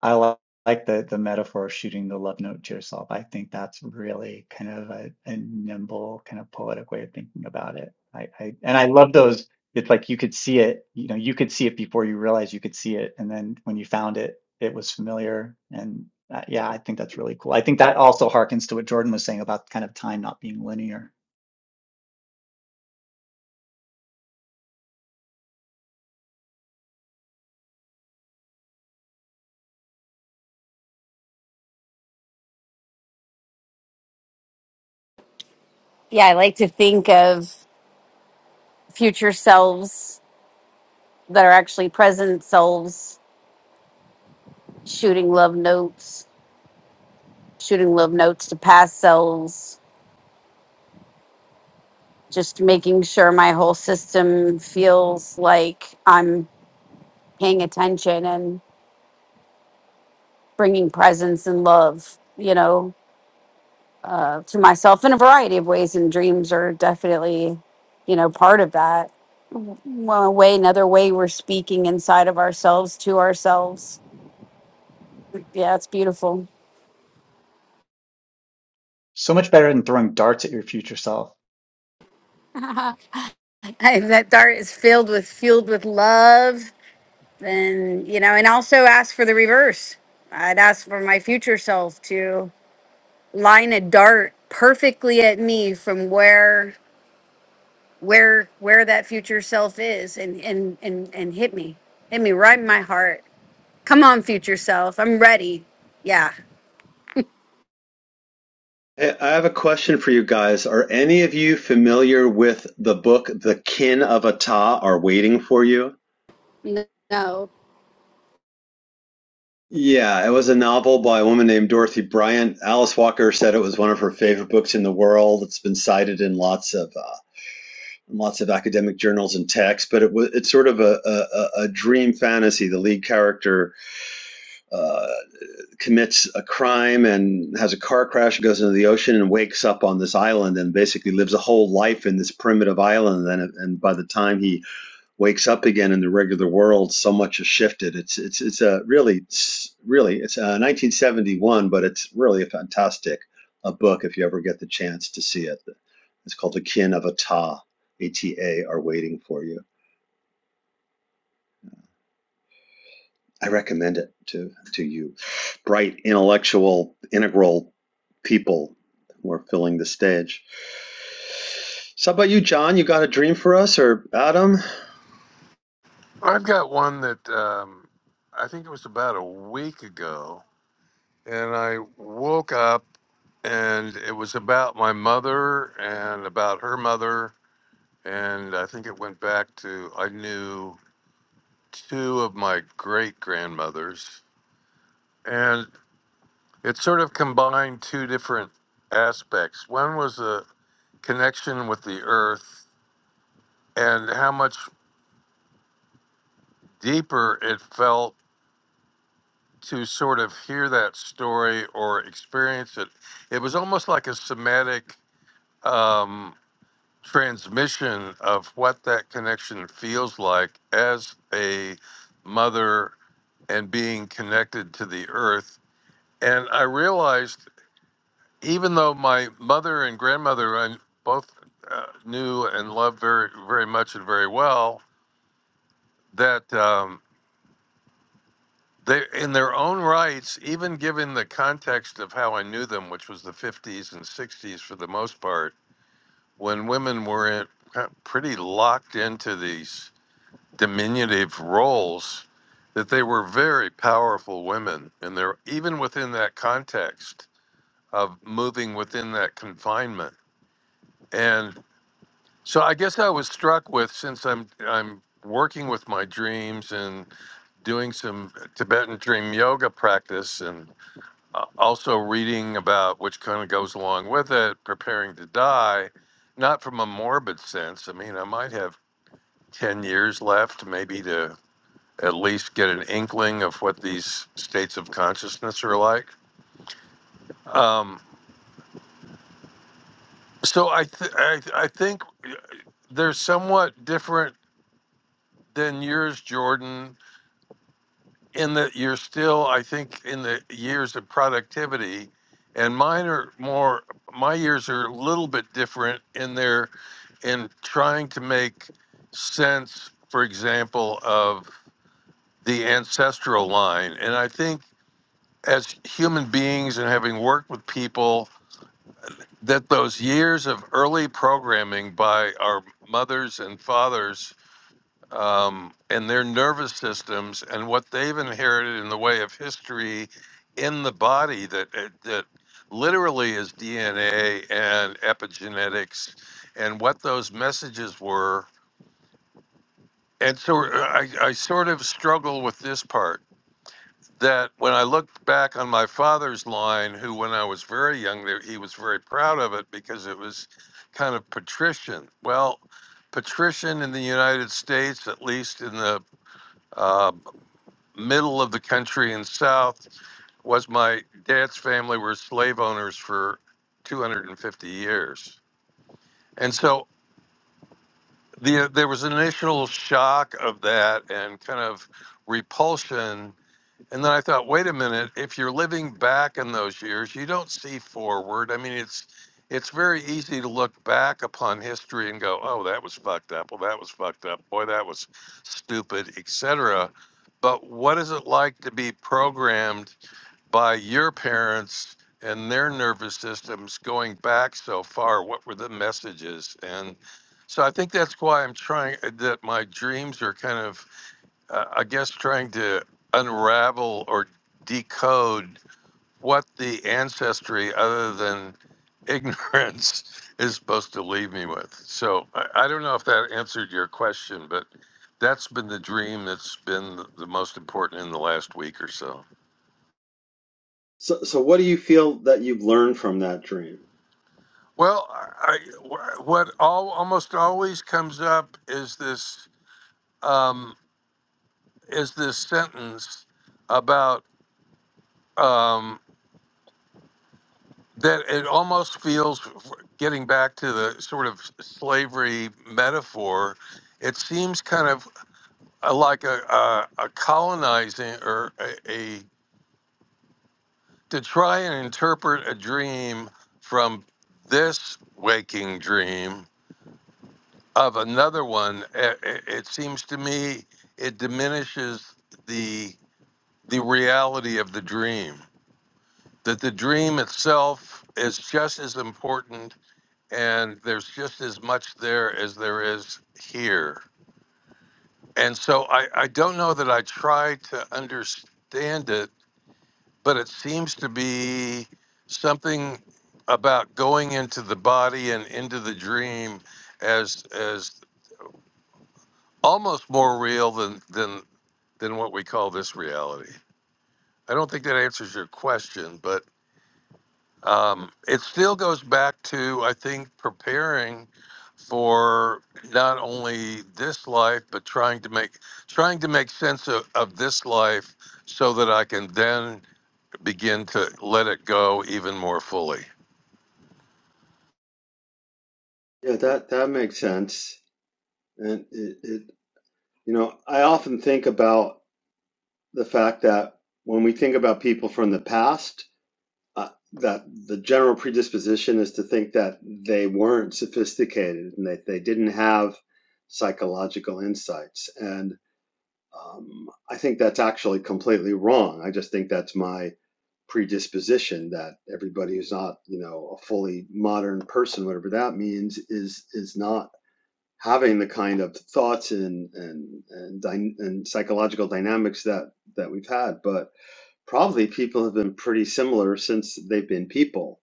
S5: I li- like the the metaphor of shooting the love note to yourself. I think that's really kind of a, a nimble, kind of poetic way of thinking about it. I, I and I love those. It's like you could see it, you know, you could see it before you realized you could see it, and then when you found it, it was familiar. And uh, yeah, I think that's really cool. I think that also harkens to what Jordan was saying about kind of time not being linear.
S2: Yeah, I like to think of future selves that are actually present selves, shooting love notes, shooting love notes to past selves, just making sure my whole system feels like I'm paying attention and bringing presence and love, you know, uh, to myself in a variety of ways, and dreams are definitely, you know, part of that. W- One way, another way, we're speaking inside of ourselves to ourselves. Yeah, it's beautiful.
S5: So much better than throwing darts at your future self.
S2: I, that dart is filled with fueled with love, and you know, and also ask for the reverse. I'd ask for my future self to line a dart perfectly at me from where where where that future self is and and and, and hit me hit me right in my heart Come on, future self. I'm ready. Yeah.
S1: I have a question for you guys. Are any of you familiar with the book The Kin of a Ta Are Waiting for You?
S2: N- No.
S1: Yeah, it was a novel by a woman named Dorothy Bryant. Alice Walker said it was one of her favorite books in the world. It's been cited in lots of uh, lots of academic journals and texts, but it was it's sort of a, a, a- a dream fantasy. The lead character uh, commits a crime and has a car crash, goes into the ocean, and wakes up on this island and basically lives a whole life in this primitive island. And, and by the time he wakes up again in the regular world, so much has shifted. It's it's it's a really it's really it's a 1971, but it's really a fantastic a book if you ever get the chance to see it. It's called The Kin of Ata, A T A, are waiting for you. I recommend it to to you, bright, intellectual, integral people who are filling the stage. So, how about you, John? You got a dream for us, or Adam?
S3: I've got one that um, I think it was about a week ago, and I woke up and it was about my mother and about her mother, and I think it went back to I knew two of my great grandmothers, and it sort of combined two different aspects. One was a connection with the earth and how much deeper it felt to sort of hear that story or experience it. It was almost like a somatic um, transmission of what that connection feels like as a mother and being connected to the earth. And I realized, even though my mother and grandmother, I both uh, knew and loved very, very much and very well, that. Um, They, in their own rights, even given the context of how I knew them, which was the 50s and 60s for the most part, when women were in, pretty locked into these diminutive roles, that they were very powerful women, and they're even within that context of moving within that confinement. And so I guess I was struck with since I'm I'm working with my dreams and doing some Tibetan dream yoga practice and Uh, also, reading about which kind of goes along with it, preparing to die, not from a morbid sense. I mean, I might have 10 years left, maybe to at least get an inkling of what these states of consciousness are like. Um, so I, th- I, I think uh, they're somewhat different than yours, Jordan, in that you're still i think in the years of productivity and mine are more my years are a little bit different in their in trying to make sense for example of the ancestral line and i think as human beings and having worked with people that those years of early programming by our mothers and fathers um, and their nervous systems and what they've inherited in the way of history in the body that uh, that literally is DNA and epigenetics and what those messages were. And so uh, I, I sort of struggle with this part that when I look back on my father's line, who when I was very young, there- he was very proud of it because it was kind of patrician. Well, patrician in the United States, at least in the um, middle of the country and south was my dad's family were slave owners for 250 years and so the, there was an initial shock of that and kind of repulsion and then i thought wait a minute if you're living back in those years you don't see forward i mean it's it's very easy to look back upon history and go oh that was fucked up well that was fucked up boy that was stupid etc but what is it like to be programmed by your parents and their nervous systems going back so far what were the messages and so i think that's why i'm trying uh, that my dreams are kind of uh, i guess trying to unravel or decode what the ancestry other than ignorance is supposed to leave me with so i, I don't know if that answered your question but that's been the dream that's been the the most important in the last week or so
S1: So, so what do you feel that you've learned from that dream?
S3: Well, I, what all, almost always comes up is this um, is this sentence about um, that it almost feels getting back to the sort of slavery metaphor. It seems kind of uh, like a, a, a colonizing or a, a to try and interpret a dream from this waking dream of another one, it, it, it seems to me it diminishes the the reality of the dream. That the dream itself is just as important, and there's just as much there as there is here. And so I, I don't know that I try to understand it, but it seems to be something about going into the body and into the dream as as almost more real than than than what we call this reality. I don't think that answers your question, but um, it still goes back to, I think, preparing for not only this life, but trying to make trying to make sense of, of this life so that I can then begin to let it go even more fully.
S1: Yeah, that that makes sense. And it, it, you know, I often think about the fact that when we think about people from the past, uh, that the general predisposition is to think that they weren't sophisticated and that they didn't have psychological insights. And um, I think that's actually completely wrong. I just think that's my predisposition that everybody who's not, you know, a fully modern person, whatever that means, is is not having the kind of thoughts and and and, and psychological dynamics that that we've had. But probably people have been pretty similar since they've been people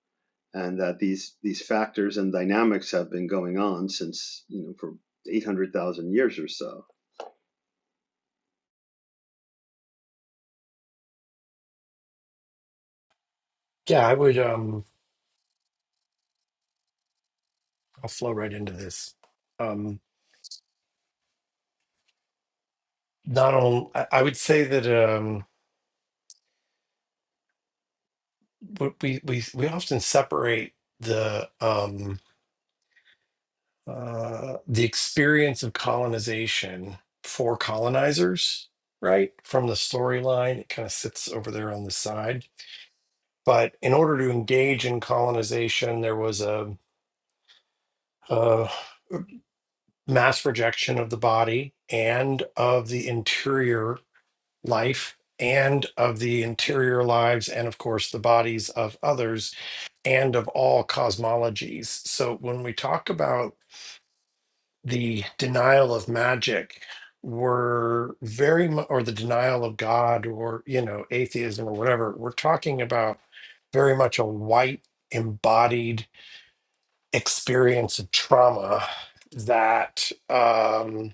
S1: and that these these factors and dynamics have been going on since you know for 800,000 years or so.
S4: Yeah, I would. Um, I'll flow right into this. Um, not on. I, I would say that um, we we we we often separate the um uh, the experience of colonization for colonizers, right? From the storyline, it kind of sits over there on the side. But in order to engage in colonization, there was a, a mass rejection of the body and of the interior life and of the interior lives and of course the bodies of others and of all cosmologies so when we talk about the denial of magic were very mu or the denial of god or you know atheism or whatever we're talking about very much a white embodied experience of trauma that um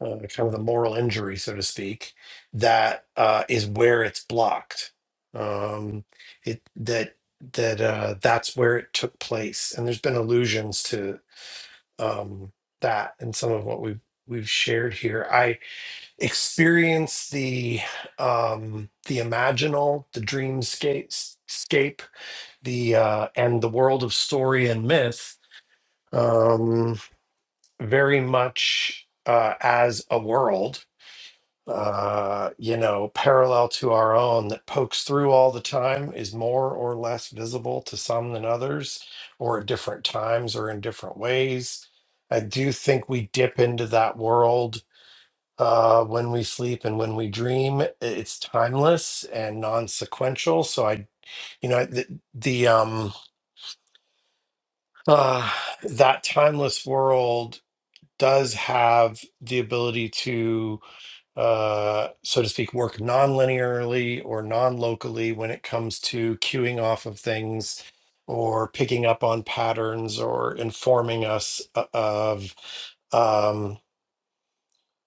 S4: uh, kind of the moral injury so to speak that uh is where it's blocked um it that that uh that's where it took place and there's been allusions to um, that and some of what we've we've shared here. I experienced the um, the imaginal, the dreamscape, scape, the uh, and the world of story and myth um, very much uh, as a world uh, you know, parallel to our own that pokes through all the time is more or less visible to some than others, or at different times or in different ways. I do think we dip into that world uh, when we sleep and when we dream. I- It's timeless and non-sequential. So I, you know, the, the um, uh, that timeless world does have the ability uh, so to speak, work non-linearly or non-locally when it comes to queuing off of things or picking up on patterns or informing us o- of um,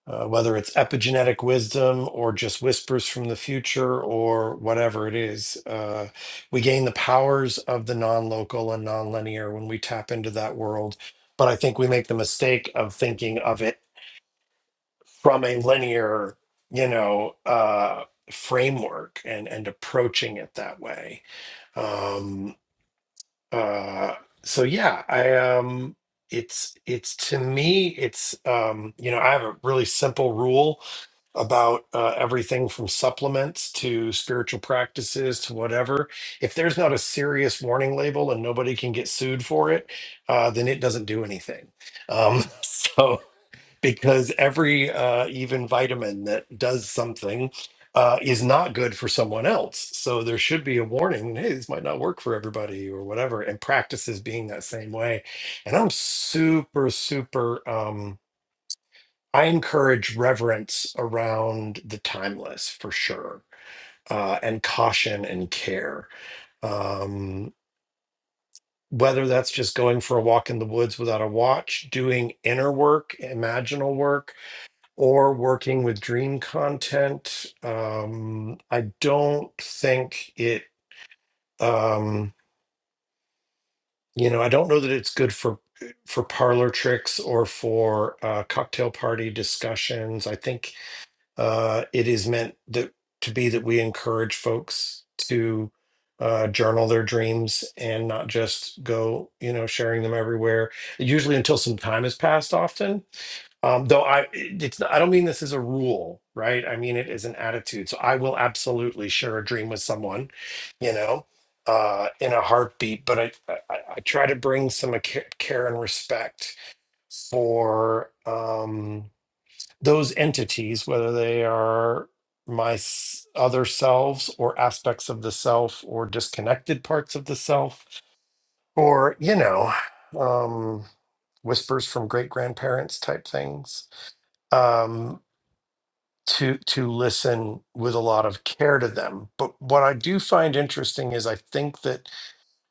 S4: uh, whether it's epigenetic wisdom or just whispers from the future or whatever it is. Uh, we gain the powers of the non-local and non-linear when we tap into that world. But I think we make the mistake of thinking of it from a linear, you know, uh, framework and and approaching it that way. Um, uh, so yeah, I um, it's it's to me, it's um, you know, I have a really simple rule about uh, everything from supplements to spiritual practices to whatever. If there's not a serious warning label and nobody can get sued for it, uh, then it doesn't do anything. Um, so because every uh, even vitamin that does something uh, is not good for someone else. So there should be a warning hey, this might not work for everybody or whatever. And practices being that same way. And I'm super, super, um, I encourage reverence around the timeless for sure. Uh, and caution and care. Um, whether that's just going for a walk in the woods without a watch, doing inner work, imaginal work, or working with dream content um i don't think it um you know i don't know that it's good for for parlor tricks or for uh cocktail party discussions i think uh it is meant that to be that we encourage folks to uh, journal their dreams and not just go, you know, sharing them everywhere. Usually, until some time has passed, often, Um, though I, it's I don't mean this as a rule, right? I mean it as an attitude. So I will absolutely share a dream with someone, you know, uh, in a heartbeat. But I, I, I try to bring some ac- care and respect for um, those entities, whether they are my s- other selves or aspects of the self or disconnected parts of the self, or you know, um, whispers from great grandparents type things um, to to listen with a lot of care to them. But what I do find interesting is I think that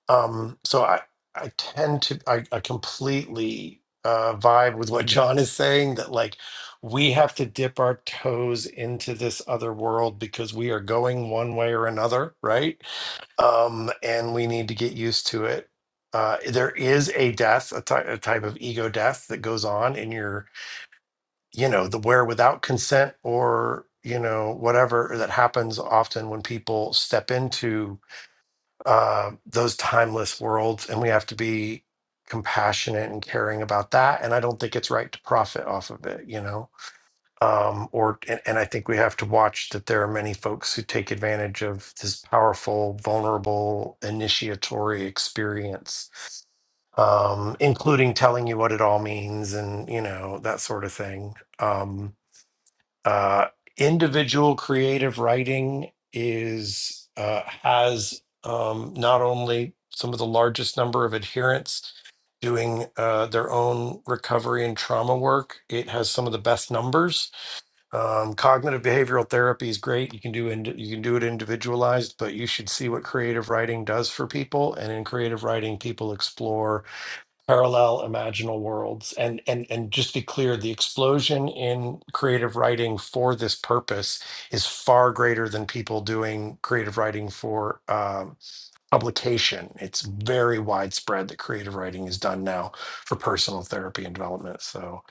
S4: um, so I I tend to I, I completely uh, vibe with what John is saying that like we have to dip our toes into this other world because we are going one way or another, right? Um, and we need to get used to it. Uh, there is a death, a ty- a type of ego death that goes on in your you know the where without consent or you know whatever that happens often when people step into uh, those timeless worlds and we have to be compassionate and caring about that and i don't think it's right to profit off of it you know um or and, and i think we have to watch that there are many folks who take advantage of this powerful vulnerable initiatory experience um including telling you what it all means and you know that sort of thing Um, uh, individual creative writing is uh, has um, not only some of the largest number of adherents doing uh, their own recovery and trauma work. It has some of the best numbers. Um, cognitive behavioral therapy is great. You can do ind- you can do it individualized, but you should see what creative writing does for people. And in creative writing, people explore parallel imaginal worlds and and and just to be clear the explosion in creative writing for this purpose is far greater than people doing creative writing for um, publication it's very widespread that creative writing is done now for personal therapy and development so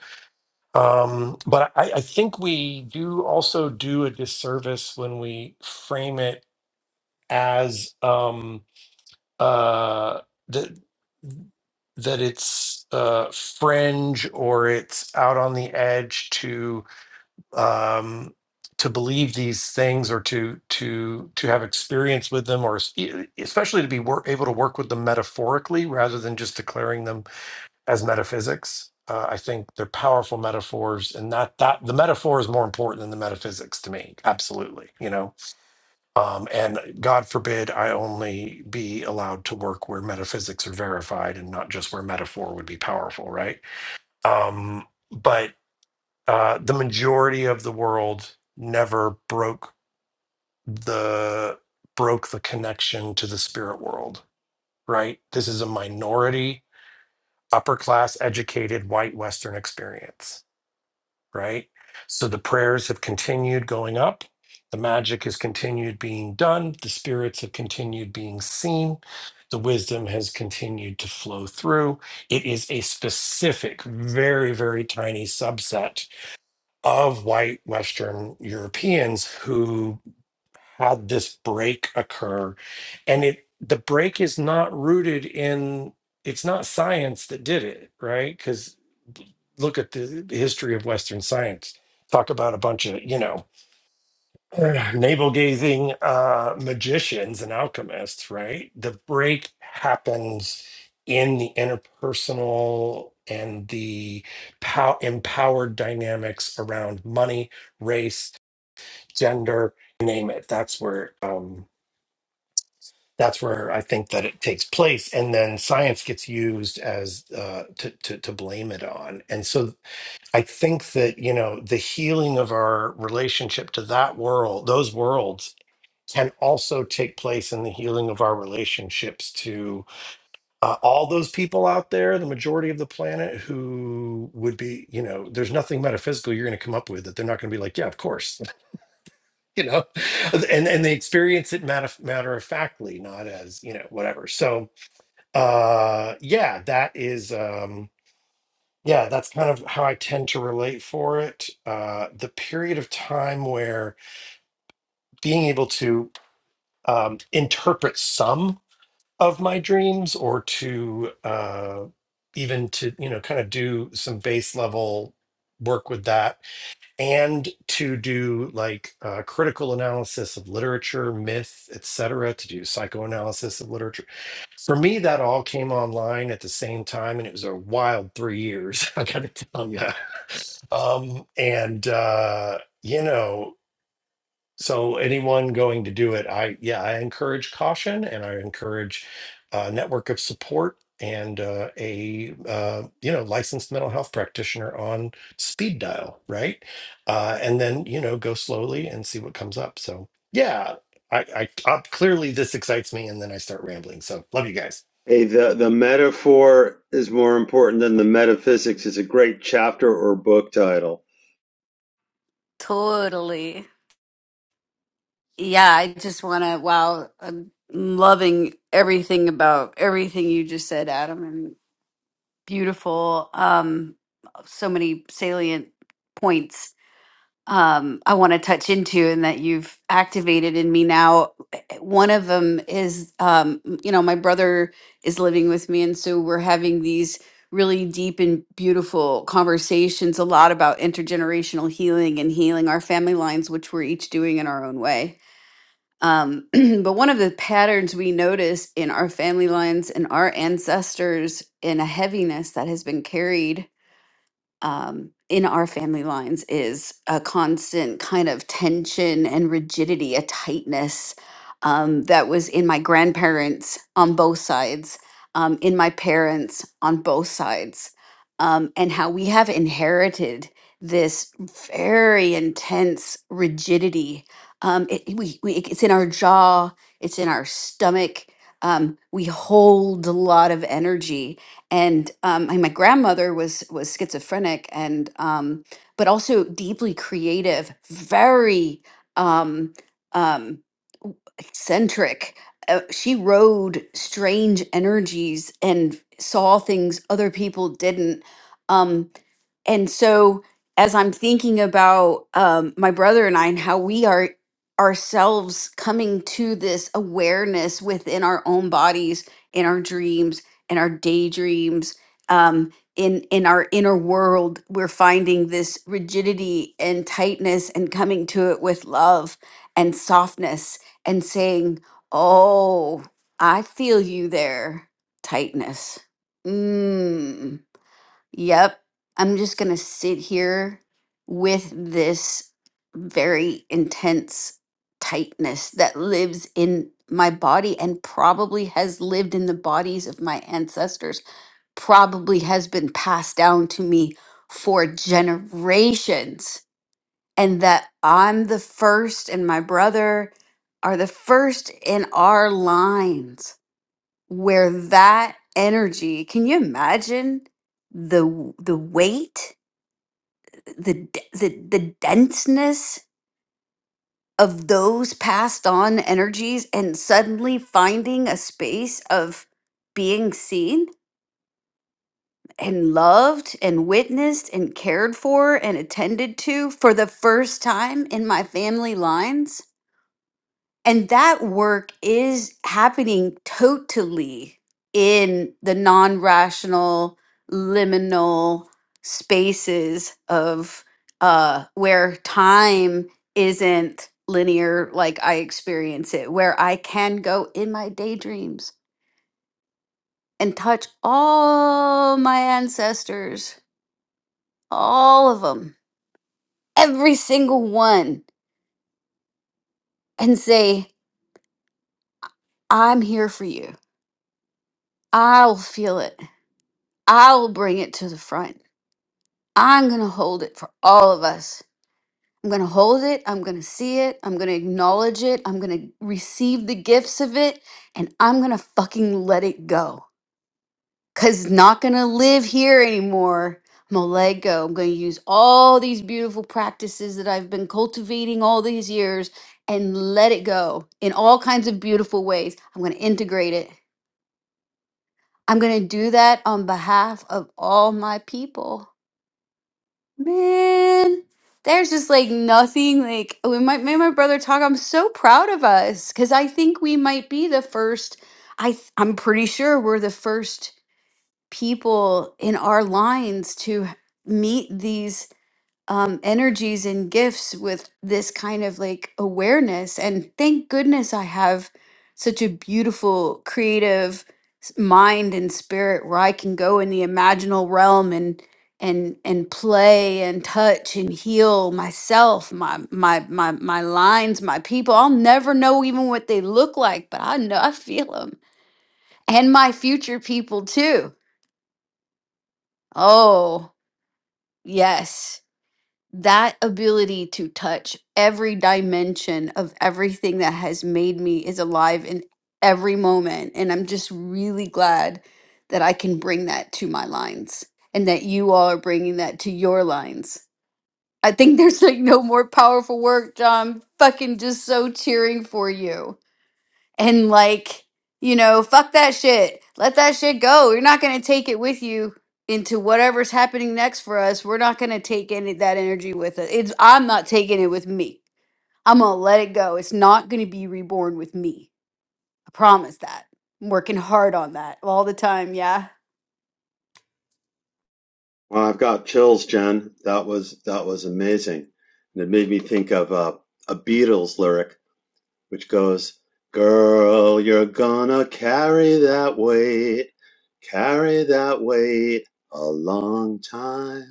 S4: um, but I, I think we do also do a disservice when we frame it as um, uh, that that it's uh, fringe or it's out on the edge to um, to believe these things or to to to have experience with them or es- e- especially to be wor- able to work with them metaphorically rather than just declaring them as metaphysics. Uh, I think they're powerful metaphors, and that that the metaphor is more important than the metaphysics to me. Absolutely, you know um, and God forbid I only be allowed to work where metaphysics are verified and not just where metaphor would be powerful, right? Um, but uh, the majority of the world never broke the broke the connection to the spirit world, right? This is a minority, upper class, educated, white Western experience right? So the prayers have continued going up. The magic has continued being done. The spirits have continued being seen. The wisdom has continued to flow through. It is a specific, very, very tiny subset of white Western Europeans who had this break occur. And it the break is not rooted in it's not science that did it, right? look at the the history of Western science, talk about a bunch of, you know, navel gazing uh, magicians and alchemists, right? The break happens in the interpersonal and the pow- empowered dynamics around money, race, gender, name it. That's where. Um, that's where I think that it takes place, and then science gets used as uh, to, to to blame it on, and so I think that, you know, the healing of our relationship to that world, those worlds can also take place in the healing of our relationships to uh, all those people out there, the majority of the planet who would be, you know, there's nothing metaphysical you're going to come up with that they're not going to be like, yeah, of course, you know, and, and they experience it matter, matter of factly, not as, you know, whatever. So, uh, yeah, that is, Um, yeah, that's kind of how I tend to relate for it. Uh, the period of time where being able to um, interpret some of my dreams or to uh, even to, you know, kind of do some base level work with that and to do like uh, critical analysis of literature, myth, etc., to do psychoanalysis of literature. For me, that all came online at the same time and it was a wild three years, I gotta tell you. Um, and uh, you know, so anyone going to do it, I yeah, I encourage caution and I encourage a network of support and uh, a uh, you know licensed mental health practitioner on speed dial, right? Uh, and then you know go slowly and see what comes up. So yeah, I, I uh, clearly this excites me, and then I start rambling. So love you guys.
S1: Hey, the, the metaphor is more important than the metaphysics is a great chapter or book title.
S2: Totally. Yeah, I just want to. Wow, I'm loving everything about everything you just said, Adam, and beautiful. Um, so many salient points. um, I want to touch into and that you've activated in me now. eh, One of them is, um, you know, my brother is living with me. And so we're having these really deep and beautiful conversations a lot about intergenerational healing and healing our family lines, which we're each doing in our own way. Um, but one of the patterns we notice in our family lines and our ancestors in a heaviness that has been carried um, in our family lines is a constant kind of tension and rigidity, a tightness um, that was in my grandparents on both sides, um, in my parents on both sides, um, and how we have inherited this very intense rigidity. Um, it, we, we, it's in our jaw, it's in our stomach. Um, we hold a lot of energy and um, I, my grandmother was was schizophrenic and um, but also deeply creative very um, um, w- eccentric uh, she rode strange energies and saw things other people didn't Um, and so as i'm thinking about um, my brother and i and how we are ourselves coming to this awareness within our own bodies in our dreams in our daydreams um, in in our inner world we're finding this rigidity and tightness and coming to it with love and softness and saying oh i feel you there tightness Mm. Yep. I'm just going to sit here with this very intense tightness that lives in my body and probably has lived in the bodies of my ancestors, probably has been passed down to me for generations. And that I'm the first, and my brother are the first in our lines where that energy can you imagine the w- the weight the d- the, the denseness of those passed on energies and suddenly finding a space of being seen and loved and witnessed and cared for and attended to for the first time in my family lines and that work is happening totally in the non-rational liminal spaces of uh where time isn't linear like i experience it where i can go in my daydreams and touch all my ancestors all of them every single one and say i'm here for you i'll feel it I'll bring it to the front. I'm going to hold it for all of us. I'm going to hold it. I'm going to see it. I'm going to acknowledge it. I'm going to receive the gifts of it. And I'm going to fucking let it go. Because not going to live here anymore. I'm going to let it go. I'm going to use all these beautiful practices that I've been cultivating all these years and let it go in all kinds of beautiful ways. I'm going to integrate it. I'm going to do that on behalf of all my people. Man, there's just like nothing like we might me and my brother talk. I'm so proud of us because I think we might be the first. I th- I'm pretty sure we're the first people in our lines to h- meet these um, energies and gifts with this kind of like awareness. And thank goodness I have such a beautiful, creative s- mind and spirit where I can go in the imaginal realm and and and play and touch and heal myself my my my my lines my people I'll never know even what they look like but I know I feel them and my future people too oh yes that ability to touch every dimension of everything that has made me is alive in every moment. And I'm just really glad that I can bring that to my lines and that you all are bringing that to your lines. I think there's like no more powerful work, John. fucking just so cheering for you and like you know fuck that shit let that shit go you're not going to take it with you into whatever's happening next for us we're not going to take any that energy with us it's i'm not taking it with me i'm going to let it go it's not going to be reborn with me i promise that i'm working hard on that all the time yeah
S1: Well, I've got chills, Jen. That was that was amazing, and it made me think of a, a Beatles lyric which goes, "Girl, you're gonna carry that weight, carry that weight a long time."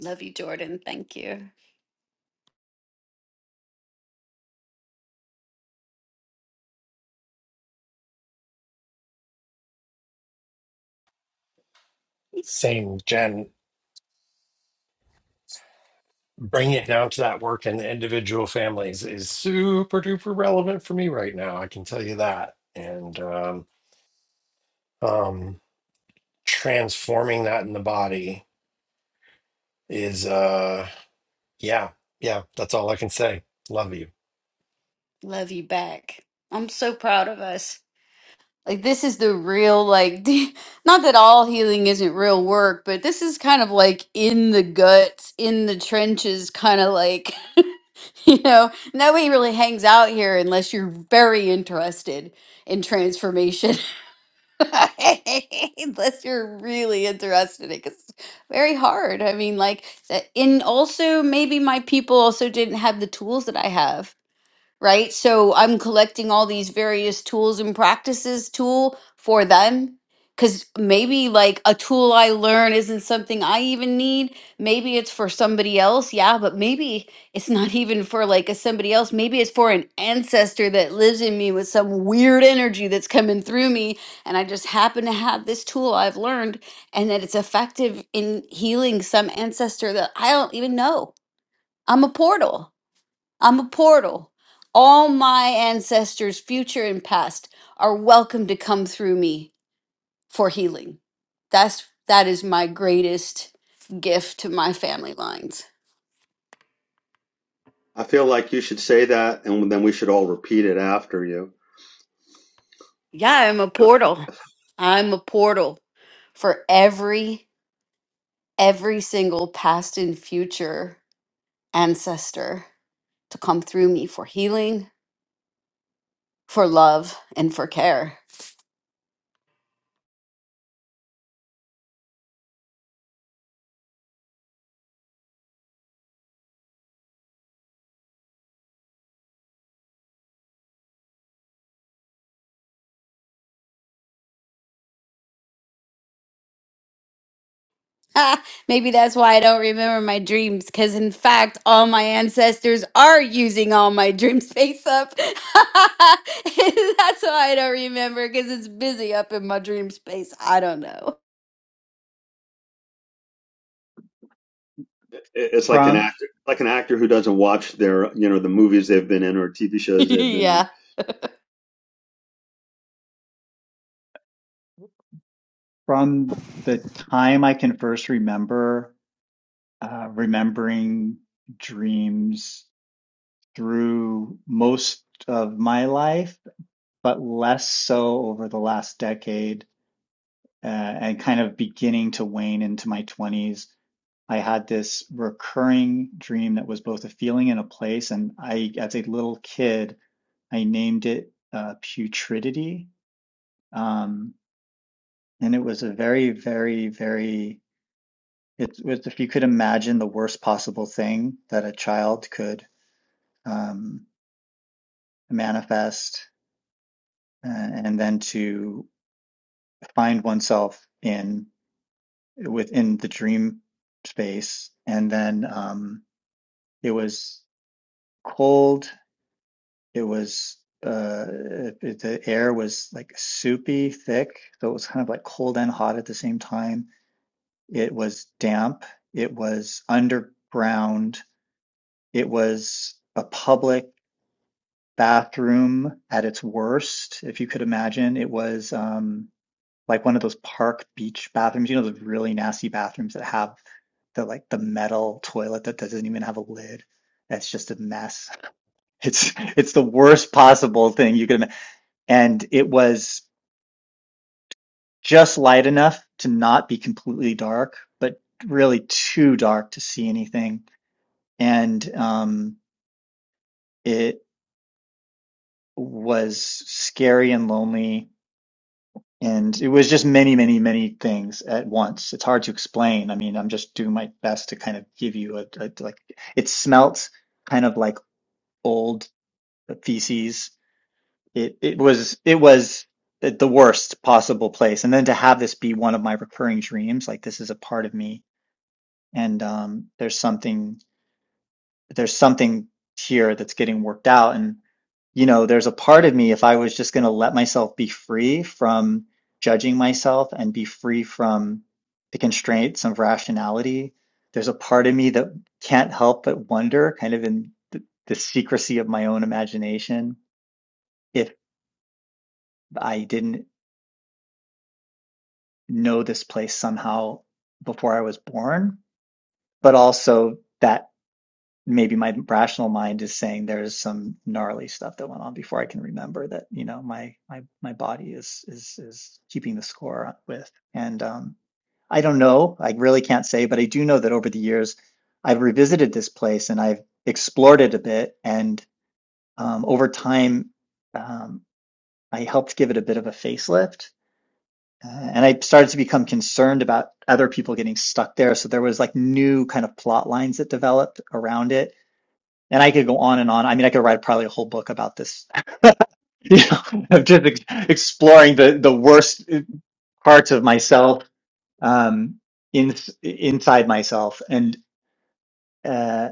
S2: love you jordan thank you
S4: Same, Jen. bringing it down to that work and the individual families is super duper relevant for me right now. I can tell you that. And um, um, transforming that in the body is, uh, yeah, yeah, that's all I can say. Love you.
S2: love you back i'm so proud of us Like this is the real like not that all healing isn't real work, but this is kind of like in the guts, in the trenches kind of like, you know, nobody really hangs out here unless you're very interested in transformation. unless you're really interested in it 'cause it's very hard. I mean, like that- and also maybe my people also didn't have the tools that I have right? So I'm collecting all these various tools and practices tool for them because maybe like a tool I learn isn't something I even need. Maybe it's for somebody else. Yeah, but maybe it's not even for like a somebody else. Maybe it's for an ancestor that lives in me with some weird energy that's coming through me. And I just happen to have this tool I've learned and that it's effective in healing some ancestor that I don't even know. I'm a portal. I'm a portal. All my ancestors, future and past, are welcome to come through me for healing. That's that is my greatest gift to my family lines.
S1: I feel like you should say that, and then we should all repeat it after you.
S2: Yeah, I'm a portal. I'm a portal for every every single past and future ancestor to come through me for healing, for love, and for care. Maybe that's why I don't remember my dreams, because in fact, all my ancestors are using all my dreams face up. that's why I don't remember, because it's busy up in my dream space. I don't know.
S1: It- It's like an
S5: From
S1: actor, like an actor who doesn't watch their, you know, the movies they've been in or TV shows they've been
S2: yeah.
S1: in.
S5: from the time I can first remember uh, remembering dreams through most of my life, but less so over the last decade uh, and kind of beginning to wane into my 20s. I had this recurring dream that was both a feeling and a place. And I, as a little kid, I named it uh, putridity. Um, and it was a very, very, very, it was, if you could imagine the worst possible thing that a child could um, manifest uh, and then to find oneself in within the dream space and then um, it was cold it was uh, it, the air was like soupy thick so it was kind of like cold and hot at the same time it was damp it was underground it was a public bathroom at its worst if you could imagine it was um, like one of those park beach bathrooms, you know, those really nasty bathrooms that have the like the metal toilet that doesn't even have a lid. That's just a mess. It's it's the worst possible thing you could imagine. And it was just light enough to not be completely dark, but really too dark to see anything. And um, it was scary and lonely And it was just many, many, many things at once. It's hard to explain. I mean, I'm just doing my best to kind of give you a, a like, it smelt kind of like old feces. It, it was, it was the the worst possible place. And then to have this be one of my recurring dreams, like this is a part of me. And, um, there's something, there's something here that's getting worked out. And you know, there's a part of me, if I was just going to let myself be free from judging myself and be free from the constraints of rationality, there's a part of me that can't help but wonder, kind of in the, the secrecy of my own imagination, if I didn't know this place somehow before I was born. But also, that maybe my rational mind is saying there's some gnarly stuff that went on before I can remember that you know my my my body is is is keeping the score with and um I don't know I really can't say but I do know that over the years I've revisited this place and I've explored it a bit and um over time um I helped give it a bit of a facelift uh, and I started to become concerned about other people getting stuck there so there was like new kind of plot lines that developed around it and I could go on and on. I mean, I could write probably a whole book about this, you know, of just ex- exploring the the worst uh, parts of myself um, in inside myself. And uh,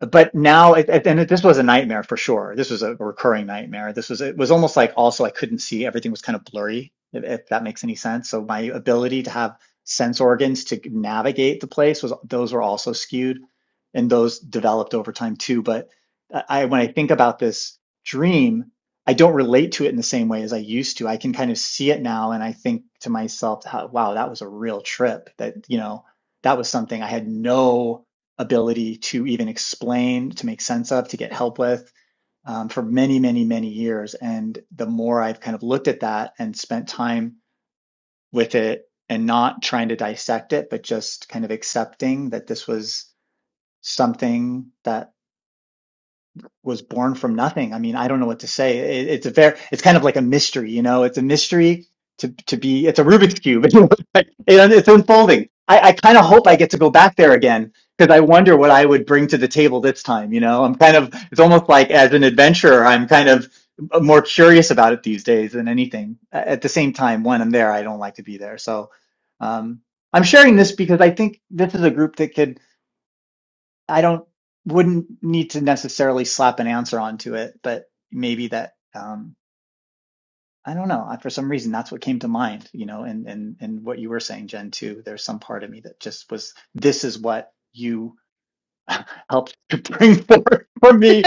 S5: but now it, and it, this was a nightmare for sure this was a recurring nightmare this was it was almost like also i couldn't see everything was kind of blurry if, if that makes any sense so my ability to have sense organs to navigate the place was those were also skewed and those developed over time too but i when i think about this dream i don't relate to it in the same way as i used to i can kind of see it now and i think to myself wow that was a real trip that you know that was something i had no ability to even explain, to make sense of, to get help with um, for many, many, many years. And the more I've kind of looked at that and spent time with it and not trying to dissect it, but just kind of accepting that this was something that was born from nothing. I mean, I don't know what to say. It, it's a very, it's kind of like a mystery, you know. It's a mystery to to be. It's a Rubik's cube. It- it's unfolding. I, I kind of hope I get to go back there again because I wonder what I would bring to the table this time. You know, I'm kind of. It's almost like as an adventurer, I'm kind of more curious about it these days than anything. At the same time, when I'm there, I don't like to be there. So, um, I'm sharing this because I think this is a group that could I don't wouldn't need to necessarily slap an answer onto it, but maybe that um, I don't know. For some reason, that's what came to mind, you know, and and and what you were saying, Jen, too. There's some part of me that just was this is what you helped to bring forth for me.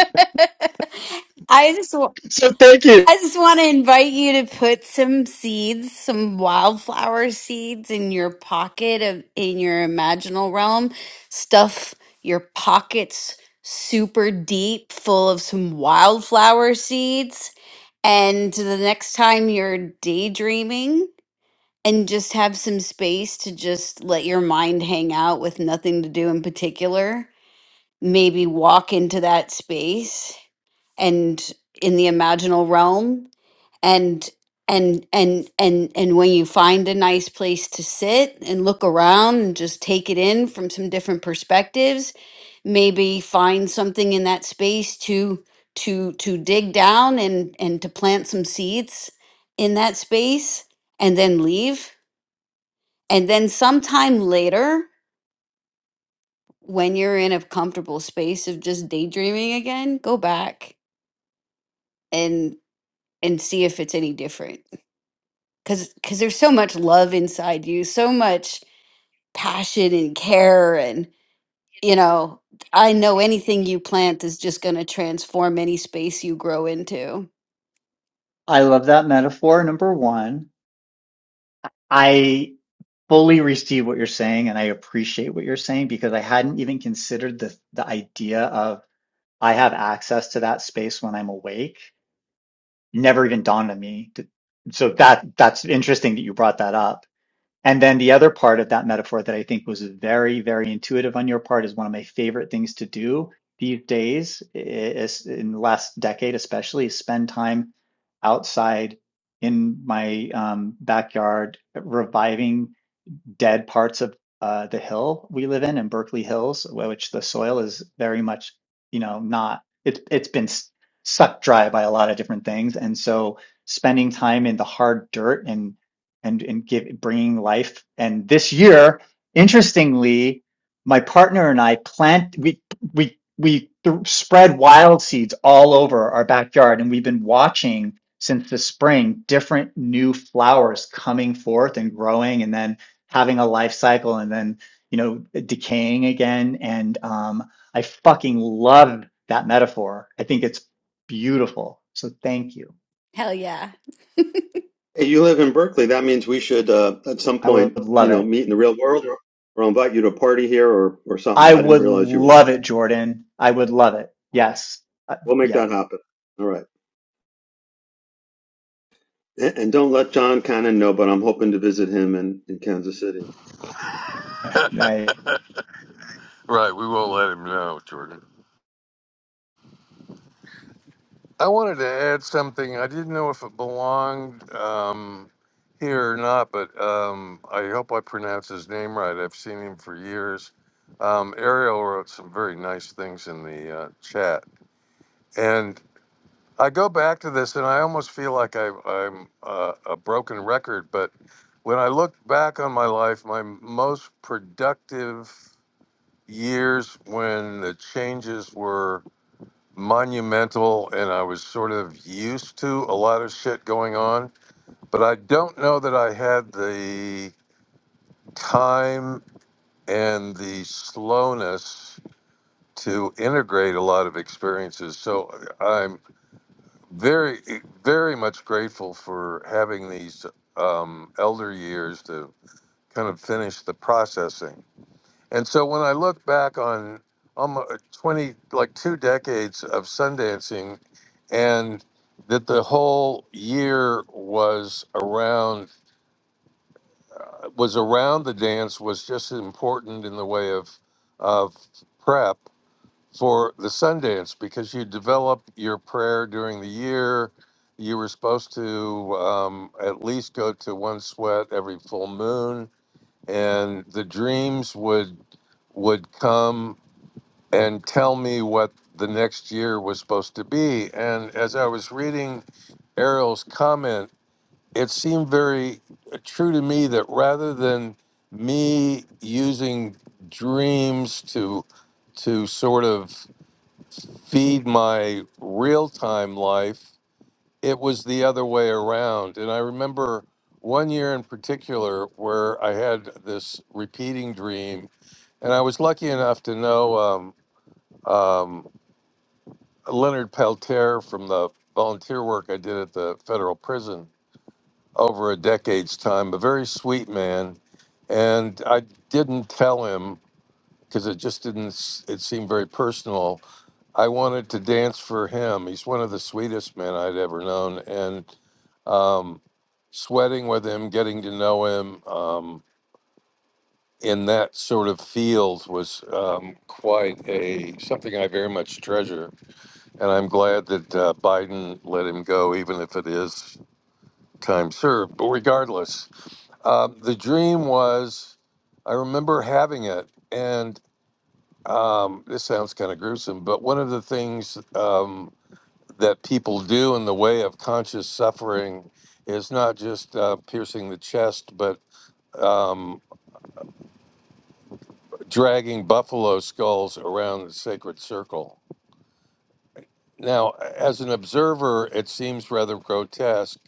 S2: I just,
S5: So thank you.
S2: I just want to invite you to put some seeds, some wildflower seeds in your pocket of in your imaginal realm. Stuff your pockets super deep full of some wildflower seeds. And the next time you're daydreaming and just have some space to just let your mind hang out with nothing to do in particular, maybe walk into that space and in the imaginal realm and and and and and when you find a nice place to sit and look around and just take it in from some different perspectives maybe find something in that space to to to dig down and and to plant some seeds in that space and then leave and then sometime later when you're in a comfortable space of just daydreaming again go back and and see if it's any different because because there's so much love inside you so much passion and care and you know i know anything you plant is just going to transform any space you grow into
S5: I love that metaphor. Number one, I fully receive what you're saying, and I appreciate what you're saying because I hadn't even considered the the idea of I have access to that space when I'm awake never even dawned on me. to- So that that's interesting that you brought that up. And then the other part of that metaphor that I think was very, very intuitive on your part is one of my favorite things to do these days, is in the last decade especially, is spend time outside in my um, backyard, reviving dead parts of uh, the hill we live in in Berkeley Hills, which the soil is very much, you know, not it's it's been s- sucked dry by a lot of different things, and so spending time in the hard dirt and and and give, bringing life. And this year, interestingly, my partner and I plant we we we th- spread wild seeds all over our backyard, and we've been watching since the spring different new flowers coming forth and growing, and then having a life cycle and then you know decaying again and um i fucking love that metaphor i think it's beautiful so thank you
S2: hell yeah
S1: Hey, you live in Berkeley. That means we should, uh, at some
S5: i would
S1: point, you
S5: love
S1: know,
S5: it
S1: meet in the real world, or, or I'll invite you to a party here, or or something.
S5: i
S1: I didn't
S5: would
S1: realize you were.
S5: love it jordan i would love it yes uh,
S1: We'll make
S5: yeah
S1: that happen. All right, and, and don't let John Cannon know, but I'm hoping to visit him in in Kansas City.
S5: i
S3: Right, we won't let him know, Jordan. I wanted to add something. I didn't know if it belonged um, here or not, but um, I hope I pronounce his name right. I've seen him for years. Um, Ariel wrote some very nice things in the uh, chat, and I go back to this, and I almost feel like I, I'm uh, a broken record. But when I look back on my life, my most productive years when the changes were monumental and I was sort of used to a lot of shit going on, but I don't know that I had the time and the slowness to integrate a lot of experiences. So uh, I'm very, very much grateful for having these um, elder years to kind of finish the processing. And so when I look back on almost 20, like two decades of Sundancing, and that the whole year was around uh, was around the dance was just important in the way of of prep for the Sundance because you develop your prayer during the year. You were supposed to um, at least go to one sweat every full moon, and the dreams would would come and tell me what the next year was supposed to be. And as I was reading Ariel's comment, it seemed very true to me that rather than me using dreams to to sort of feed my real-time life, it was the other way around. And I remember one year in particular where I had this repeating dream, and I was lucky enough to know um, um, Leonard Peltier from the volunteer work I did at the federal prison over a decade's time, a very sweet man. And I didn't tell him because it just didn't, s- it seemed very personal. I wanted to dance for him. He's one of the sweetest men I'd ever known. And um, sweating with him, getting to know him um, in that sort of field was um, quite a something I very much treasure. And I'm glad that uh, Biden let him go, even if it is time served. But regardless, uh, the dream was I remember having it. And um, this sounds kind of gruesome, but one of the things um, that people do in the way of conscious suffering is not just uh, piercing the chest, but um, dragging buffalo skulls around the sacred circle. Now, as an observer, it seems rather grotesque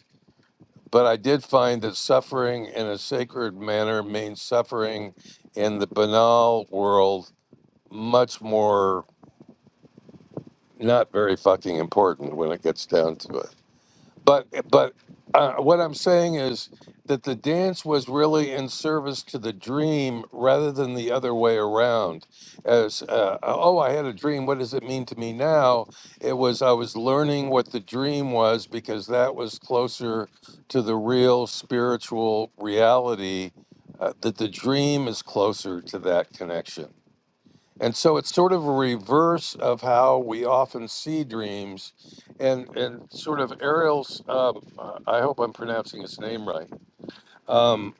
S3: But I did find that suffering in a sacred manner means suffering in the banal world much more not very fucking important when it gets down to it but but uh, what I'm saying is that the dance was really in service to the dream rather than the other way around. As uh, uh, oh, I had a dream. What does it mean to me now? It was I was learning what the dream was because that was closer to the real spiritual reality. Uh, that the dream is closer to that connection. And so it's sort of a reverse of how we often see dreams. And, and sort of Ariel's, um, uh, I hope I'm pronouncing his name right, um,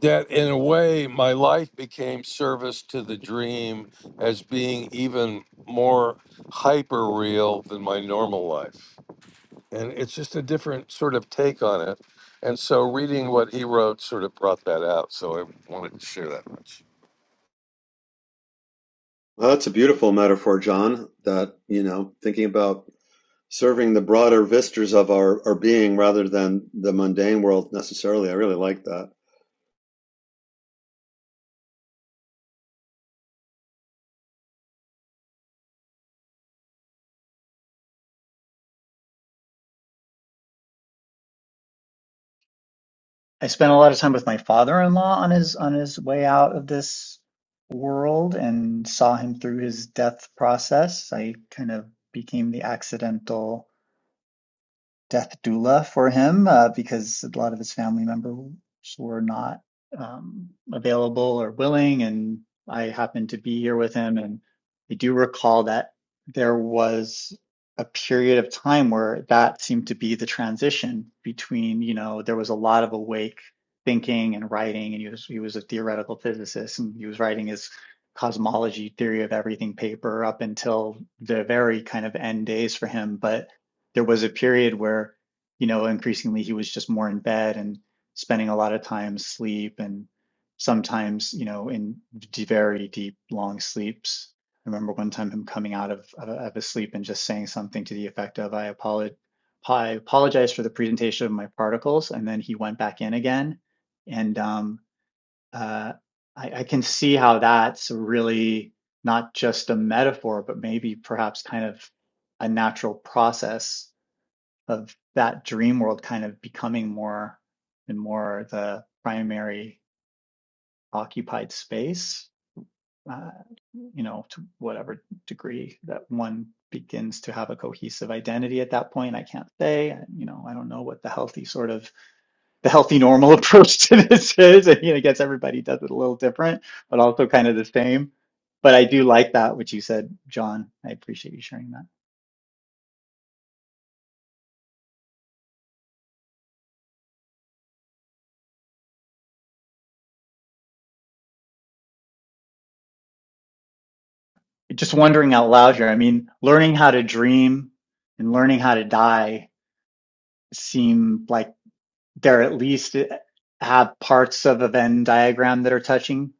S3: that in a way my life became service to the dream as being even more hyper real than my normal life. And it's just a different sort of take on it. And so reading what he wrote sort of brought that out. So I wanted to share that much.
S1: Well, that's a beautiful metaphor, John. That you know, thinking about serving the broader vistas of our, our being rather than the mundane world necessarily. I really like that.
S5: i spent a lot of time with my father-in-law on his on his way out of this world and saw him through his death process i kind of became the accidental death doula for him uh, because a lot of his family members were not um, available or willing, and I happened to be here with him. And I do recall that there was a period of time where that seemed to be the transition between, you know, there was a lot of awake thinking and writing, and he was he was a theoretical physicist, and he was writing his cosmology theory of everything paper up until the very kind of end days for him, but there was a period where, you know, increasingly he was just more in bed and spending a lot of time sleep and sometimes, you know, in d- very deep, long sleeps. I remember one time him coming out of, of, of a sleep and just saying something to the effect of, I apologize. I apologize for the presentation of my particles, and then he went back in again. And um, uh, I, I can see how that's really not just a metaphor, but maybe perhaps kind of a natural process of that dream world kind of becoming more and more the primary occupied space, uh, you know, to whatever degree that one begins to have a cohesive identity at that point. I can't say, you know, I don't know what the healthy sort of the healthy normal approach to this is. And, you I guess everybody does it a little different, but also kind of the same. But I do like that, what you said, John. I appreciate you sharing that. just wondering out loud here. I mean, learning how to dream and learning how to die seem like they're at least uh, have parts of a Venn diagram that are touching.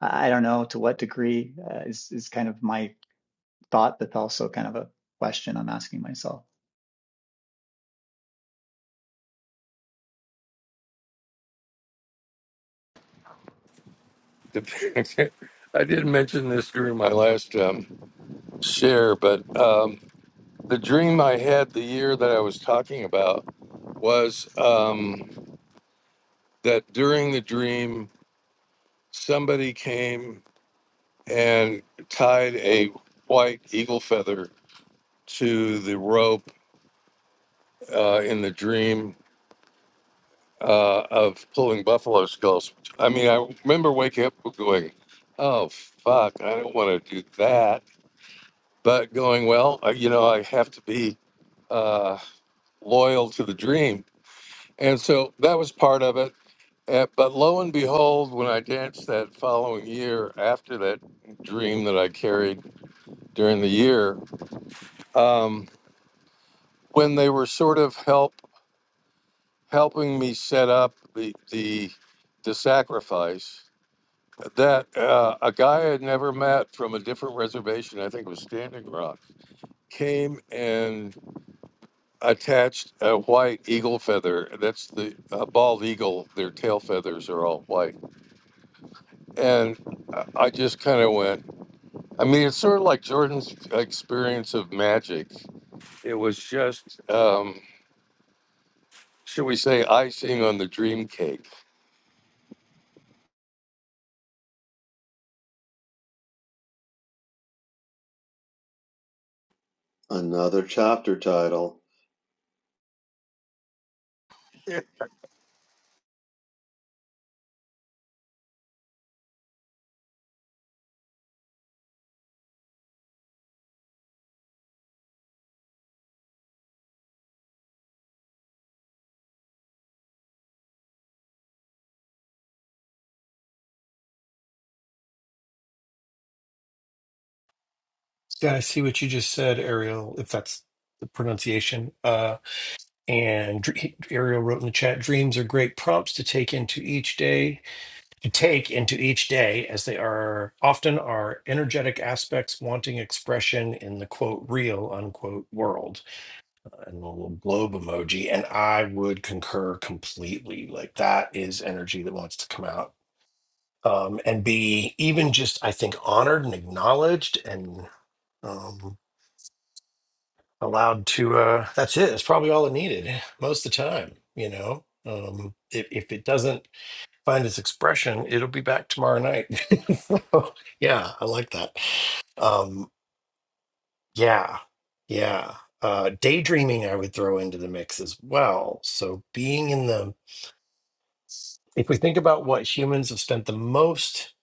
S5: I don't know to what degree uh, is is kind of my thought, but also kind of a question I'm asking myself.
S3: the- I didn't mention this during my last um, share, but um, the dream I had the year that I was talking about was um, that during the dream, somebody came and tied a white eagle feather to the rope uh, in the dream uh, of pulling buffalo skulls. I mean, I remember waking up going, oh, fuck, I don't want to do that but going well I, you know i have to be uh, loyal to the dream and so that was part of it Uh, but lo and behold when i danced that following year after that dream that i carried during the year um, when they were sort of help helping me set up the the the sacrifice that uh, a guy i'd never met from a different reservation i think it was standing rock came and. attached a white eagle feather. That's the uh, bald eagle. Their tail feathers are all white, and I I just kind of went. I mean, it's sort of like Jordan's experience of magic. It was just, um, should we say, icing on the dream cake.
S1: Another chapter title.
S4: Yeah, I see what you just said, Ariel, if that's the pronunciation. Uh, and Dr- Ariel wrote in the chat dreams are great prompts to take into each day to take into each day as they are often are energetic aspects wanting expression in the quote real unquote world and the little globe emoji and i would concur completely like that is energy that wants to come out um, and be even just i think honored and acknowledged and um, allowed to uh, that's it that's probably all it needed most of the time you know um, if, if it doesn't find its expression, it'll be back tomorrow night. So, yeah, I like that. Um, yeah, yeah. Uh, daydreaming, I would throw into the mix as well. So, being in the, if we think about what humans have spent the most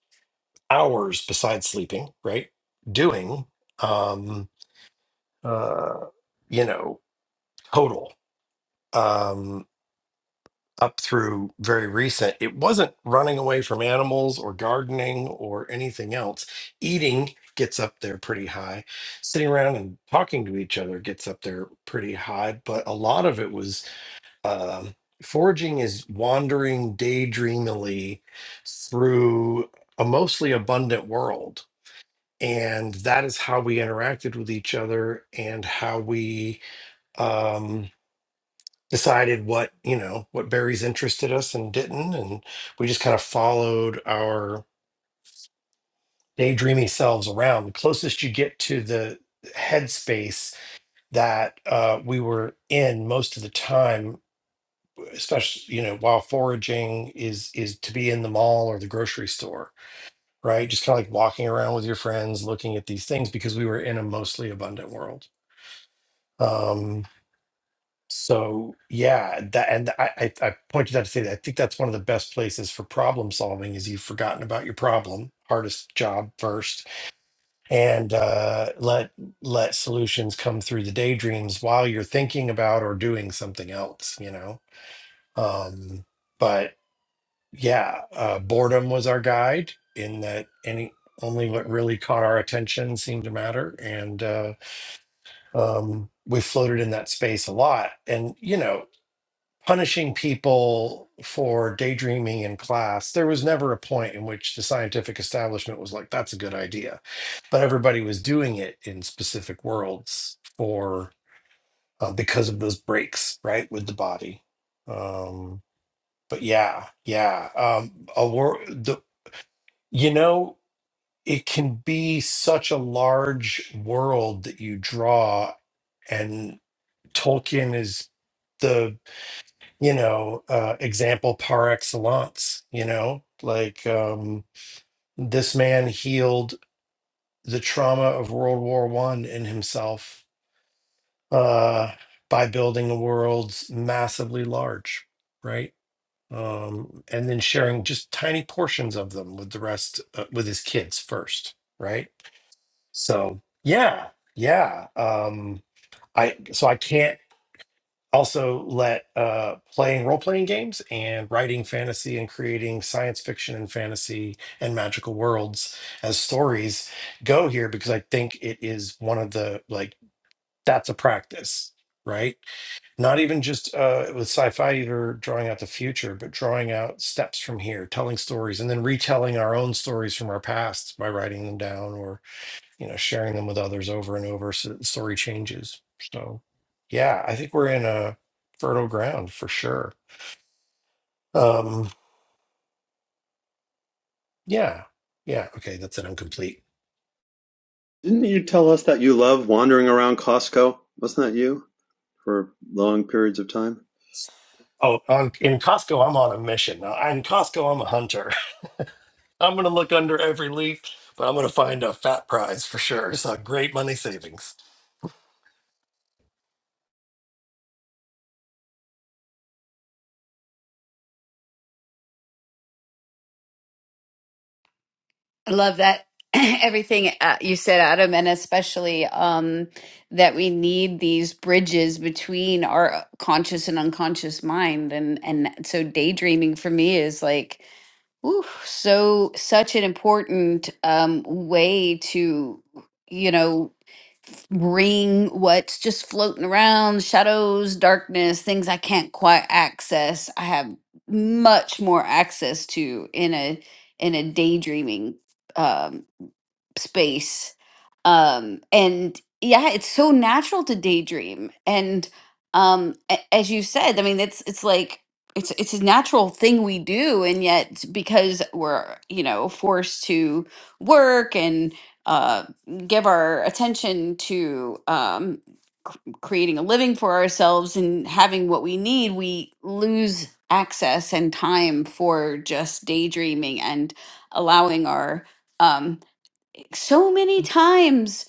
S4: hours besides sleeping, right, doing, um, uh, you know, total. Um, up through very recent, it wasn't running away from animals or gardening or anything else. Eating gets up there pretty high. Sitting around and talking to each other gets up there pretty high. But a lot of it was um foraging is wandering daydreamily through a mostly abundant world. And that is how we interacted with each other and how we um, decided what you know what berries interested us and didn't and we just kind of followed our daydreamy selves around the closest you get to the headspace that uh, we were in most of the time especially you know while foraging is is to be in the mall or the grocery store right just kind of like walking around with your friends looking at these things because we were in a mostly abundant world Um, So yeah, that and I, I I pointed out to say that I think that's one of the best places for problem solving is you've forgotten about your problem, hardest job first, and uh, let let solutions come through the daydreams while you're thinking about or doing something else, you know. Um, but yeah, uh, boredom was our guide in that any only what really caught our attention seemed to matter, and uh, um, we floated in that space a lot, and you know punishing people for daydreaming in class. There was never a point in which the scientific establishment was like, that's a good idea. But everybody was doing it in specific worlds for uh, because of those breaks, right, with the body. Um, but yeah, yeah. Um, a wor- the, you know, it can be such a large world that you draw, and Tolkien is. the. you know, uh, example par excellence, you know, like um, this man healed the trauma of World War One in himself uh, by building a world's massively large, right? Um, and then sharing just tiny portions of them with the rest, uh, with his kids first, right? So, yeah, yeah. Um, I so I can't. also let uh, playing role playing games and writing fantasy and creating science fiction and fantasy and magical worlds as stories go here because I think it is one of the like that's a practice right not even just uh with sci-fi either drawing out the future but drawing out steps from here telling stories and then retelling our own stories from our past by writing them down or you know sharing them with others over and over so that the story changes so yeah i think we're in a fertile ground for sure um yeah yeah okay that's an incomplete
S1: Didn't you tell us that you love wandering around Costco? Wasn't that you for long periods of time?
S4: oh on in costco i'm on a mission now in costco i'm a hunter i'm gonna look under every leaf but i'm gonna find a fat prize for sure so great money savings
S2: i love that everything uh, you said adam and especially um that we need these bridges between our conscious and unconscious mind and and so daydreaming for me is like ooh, so such an important um way to you know bring what's just floating around shadows darkness things i can't quite access i have much more access to in a in a daydreaming um space um and yeah it's so natural to daydream and um a- as you said i mean it's it's like it's it's a natural thing we do and yet because we're you know forced to work and uh give our attention to um c- creating a living for ourselves and having what we need we lose access and time for just daydreaming and allowing our um so many times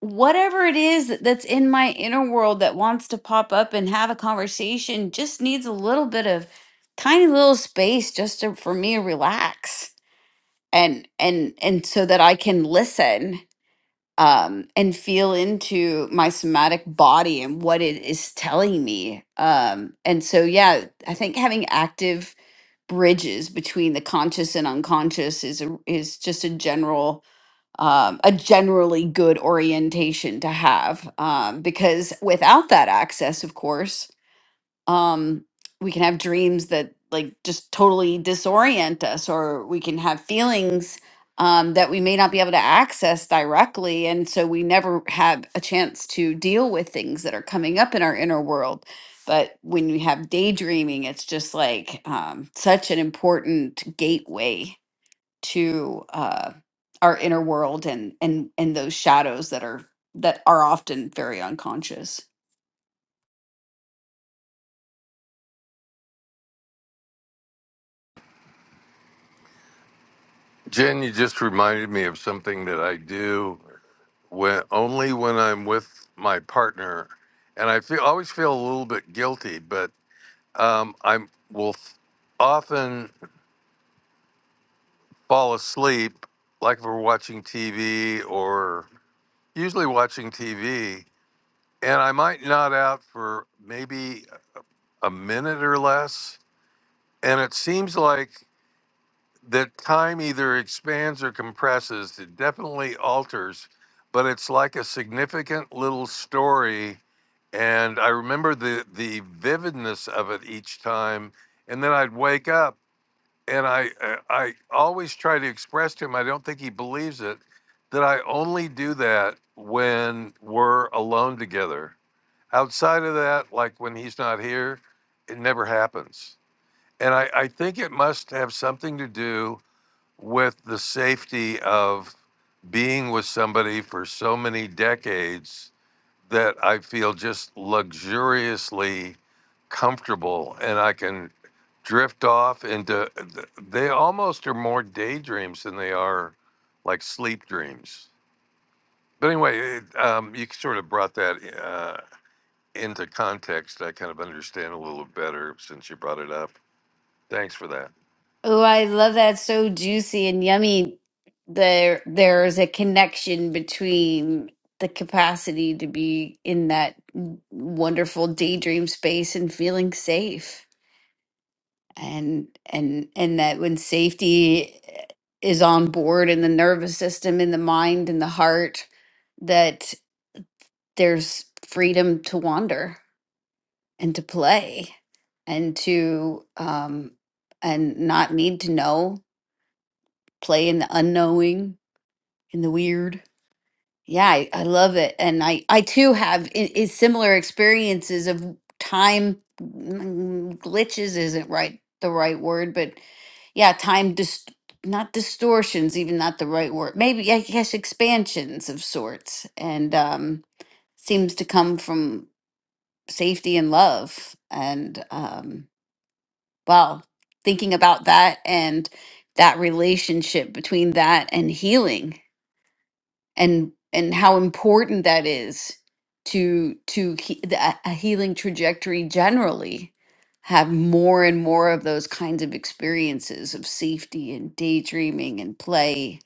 S2: whatever it is that's in my inner world that wants to pop up and have a conversation just needs a little bit of tiny little space just to, for me to relax and and and so that I can listen um and feel into my somatic body and what it is telling me um and so yeah I think having active bridges between the conscious and unconscious is a, is just a general um, a generally good orientation to have um, because without that access of course um, we can have dreams that like just totally disorient us or we can have feelings um, that we may not be able to access directly and so we never have a chance to deal with things that are coming up in our inner world but when you have daydreaming it's just like um, such an important gateway to uh, our inner world and and and those shadows that are that are often very unconscious.
S3: Jen, you just reminded me of something that I do when only when I'm with my partner, and I feel always feel a little bit guilty, but um, i will often fall asleep, like if we're watching TV or usually watching TV, and I might nod out for maybe a minute or less. And it seems like that time either expands or compresses. It definitely alters, but it's like a significant little story. And I remember the, the vividness of it each time. And then I'd wake up and I I I always try to express to him. I don't think he believes it that I only do that when we're alone together. Outside of that, like when he's not here, it never happens. And I, I think it must have something to do with the safety of being with somebody for so many decades that I feel just luxuriously comfortable and I can drift off into they almost are more daydreams than they are like sleep dreams. But anyway, it, um, you sort of brought that uh, into context. I kind of understand a little better since you brought it up. Thanks for that.
S2: Oh, I love that. So juicy and yummy. There, there's a connection between the capacity to be in that wonderful daydream space and feeling safe. And and and that when safety eh, is on board in the nervous system, in the mind, in the heart, that there's freedom to wander. and to play and to um and not need to know play in the unknowing in the weird yeah i, I love it and i i too have i is similar experiences of time mm, glitches isn't right the right word but yeah time dis- not distortions even not the right word maybe i guess expansions of sorts and um seems to come from safety and love and um Wow. Thinking about that and that relationship between that and healing and and how important that is to to he, the, a a healing trajectory generally have more and more of those kinds of experiences of safety and daydreaming and play,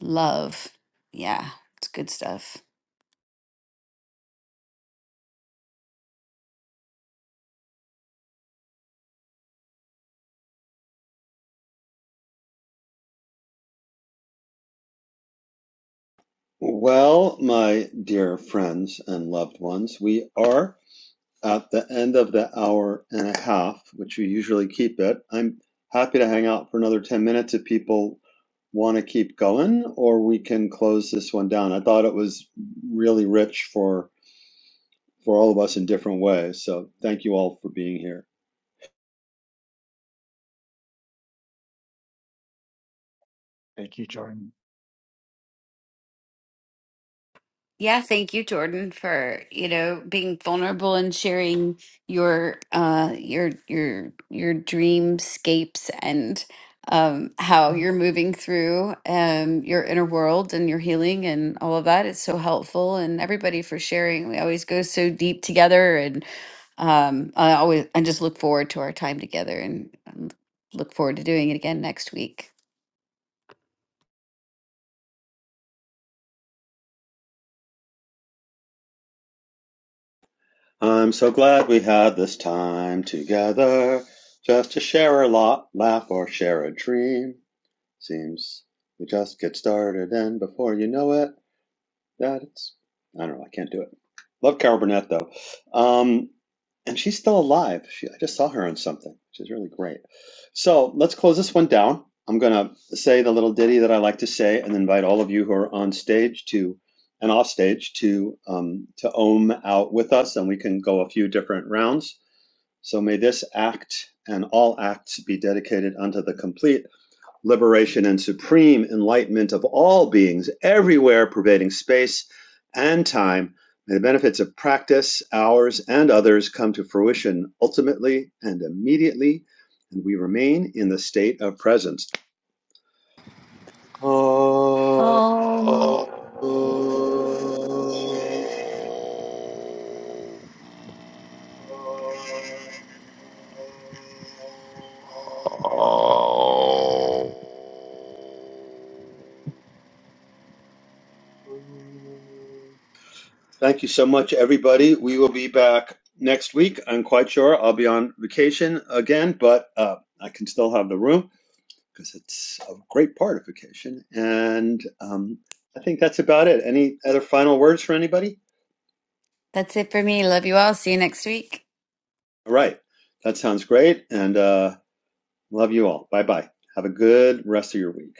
S2: love. Yeah, it's good stuff.
S1: Well, my dear friends and loved ones, we are at the end of the hour and a half, which we usually keep it, I'm happy to hang out for another 10 minutes if people want to keep going, or we can close this one down. I thought it was really rich for for all of us in different ways. So thank you all for being here.
S5: Thank you, Jordan.
S2: Yeah, thank you, Jordan, for, you know, being vulnerable and sharing your uh your your your dreamscapes and um how you're moving through um your inner world and your healing and all of that. It's so helpful and everybody for sharing. We always go so deep together and um I always I just look forward to our time together and um, look forward to doing it again next week.
S1: I'm so glad we had this time together just to share a lot, laugh, or share a dream. Seems we just get started, and before you know it, That it's I don't know. I can't do it. Love Carol Burnett though, um, and she's still alive. She I just saw her on something. She's really great. So let's close this one down. I'm gonna say the little ditty that I like to say, and invite all of you who are on stage to and off stage to um, to ohm out with us, and we can go a few different rounds. So may this act and all acts be dedicated unto the complete liberation, and supreme enlightenment of all beings everywhere, pervading space and time. May the benefits of practice, ours, and others come to fruition ultimately and immediately, and we remain in the state of presence. Ah,
S2: Um
S1: ah, ah. Thank you so much, everybody. We will be back next week. I'm quite sure I'll be on vacation again, but uh, I can still have the room because it's a great part of vacation. And um, I think that's about it. Any other final words for anybody?
S2: that's it for me. Love you all. See you next week.
S1: All right. That sounds great. And uh, love you all. Bye bye. Have a good rest of your week.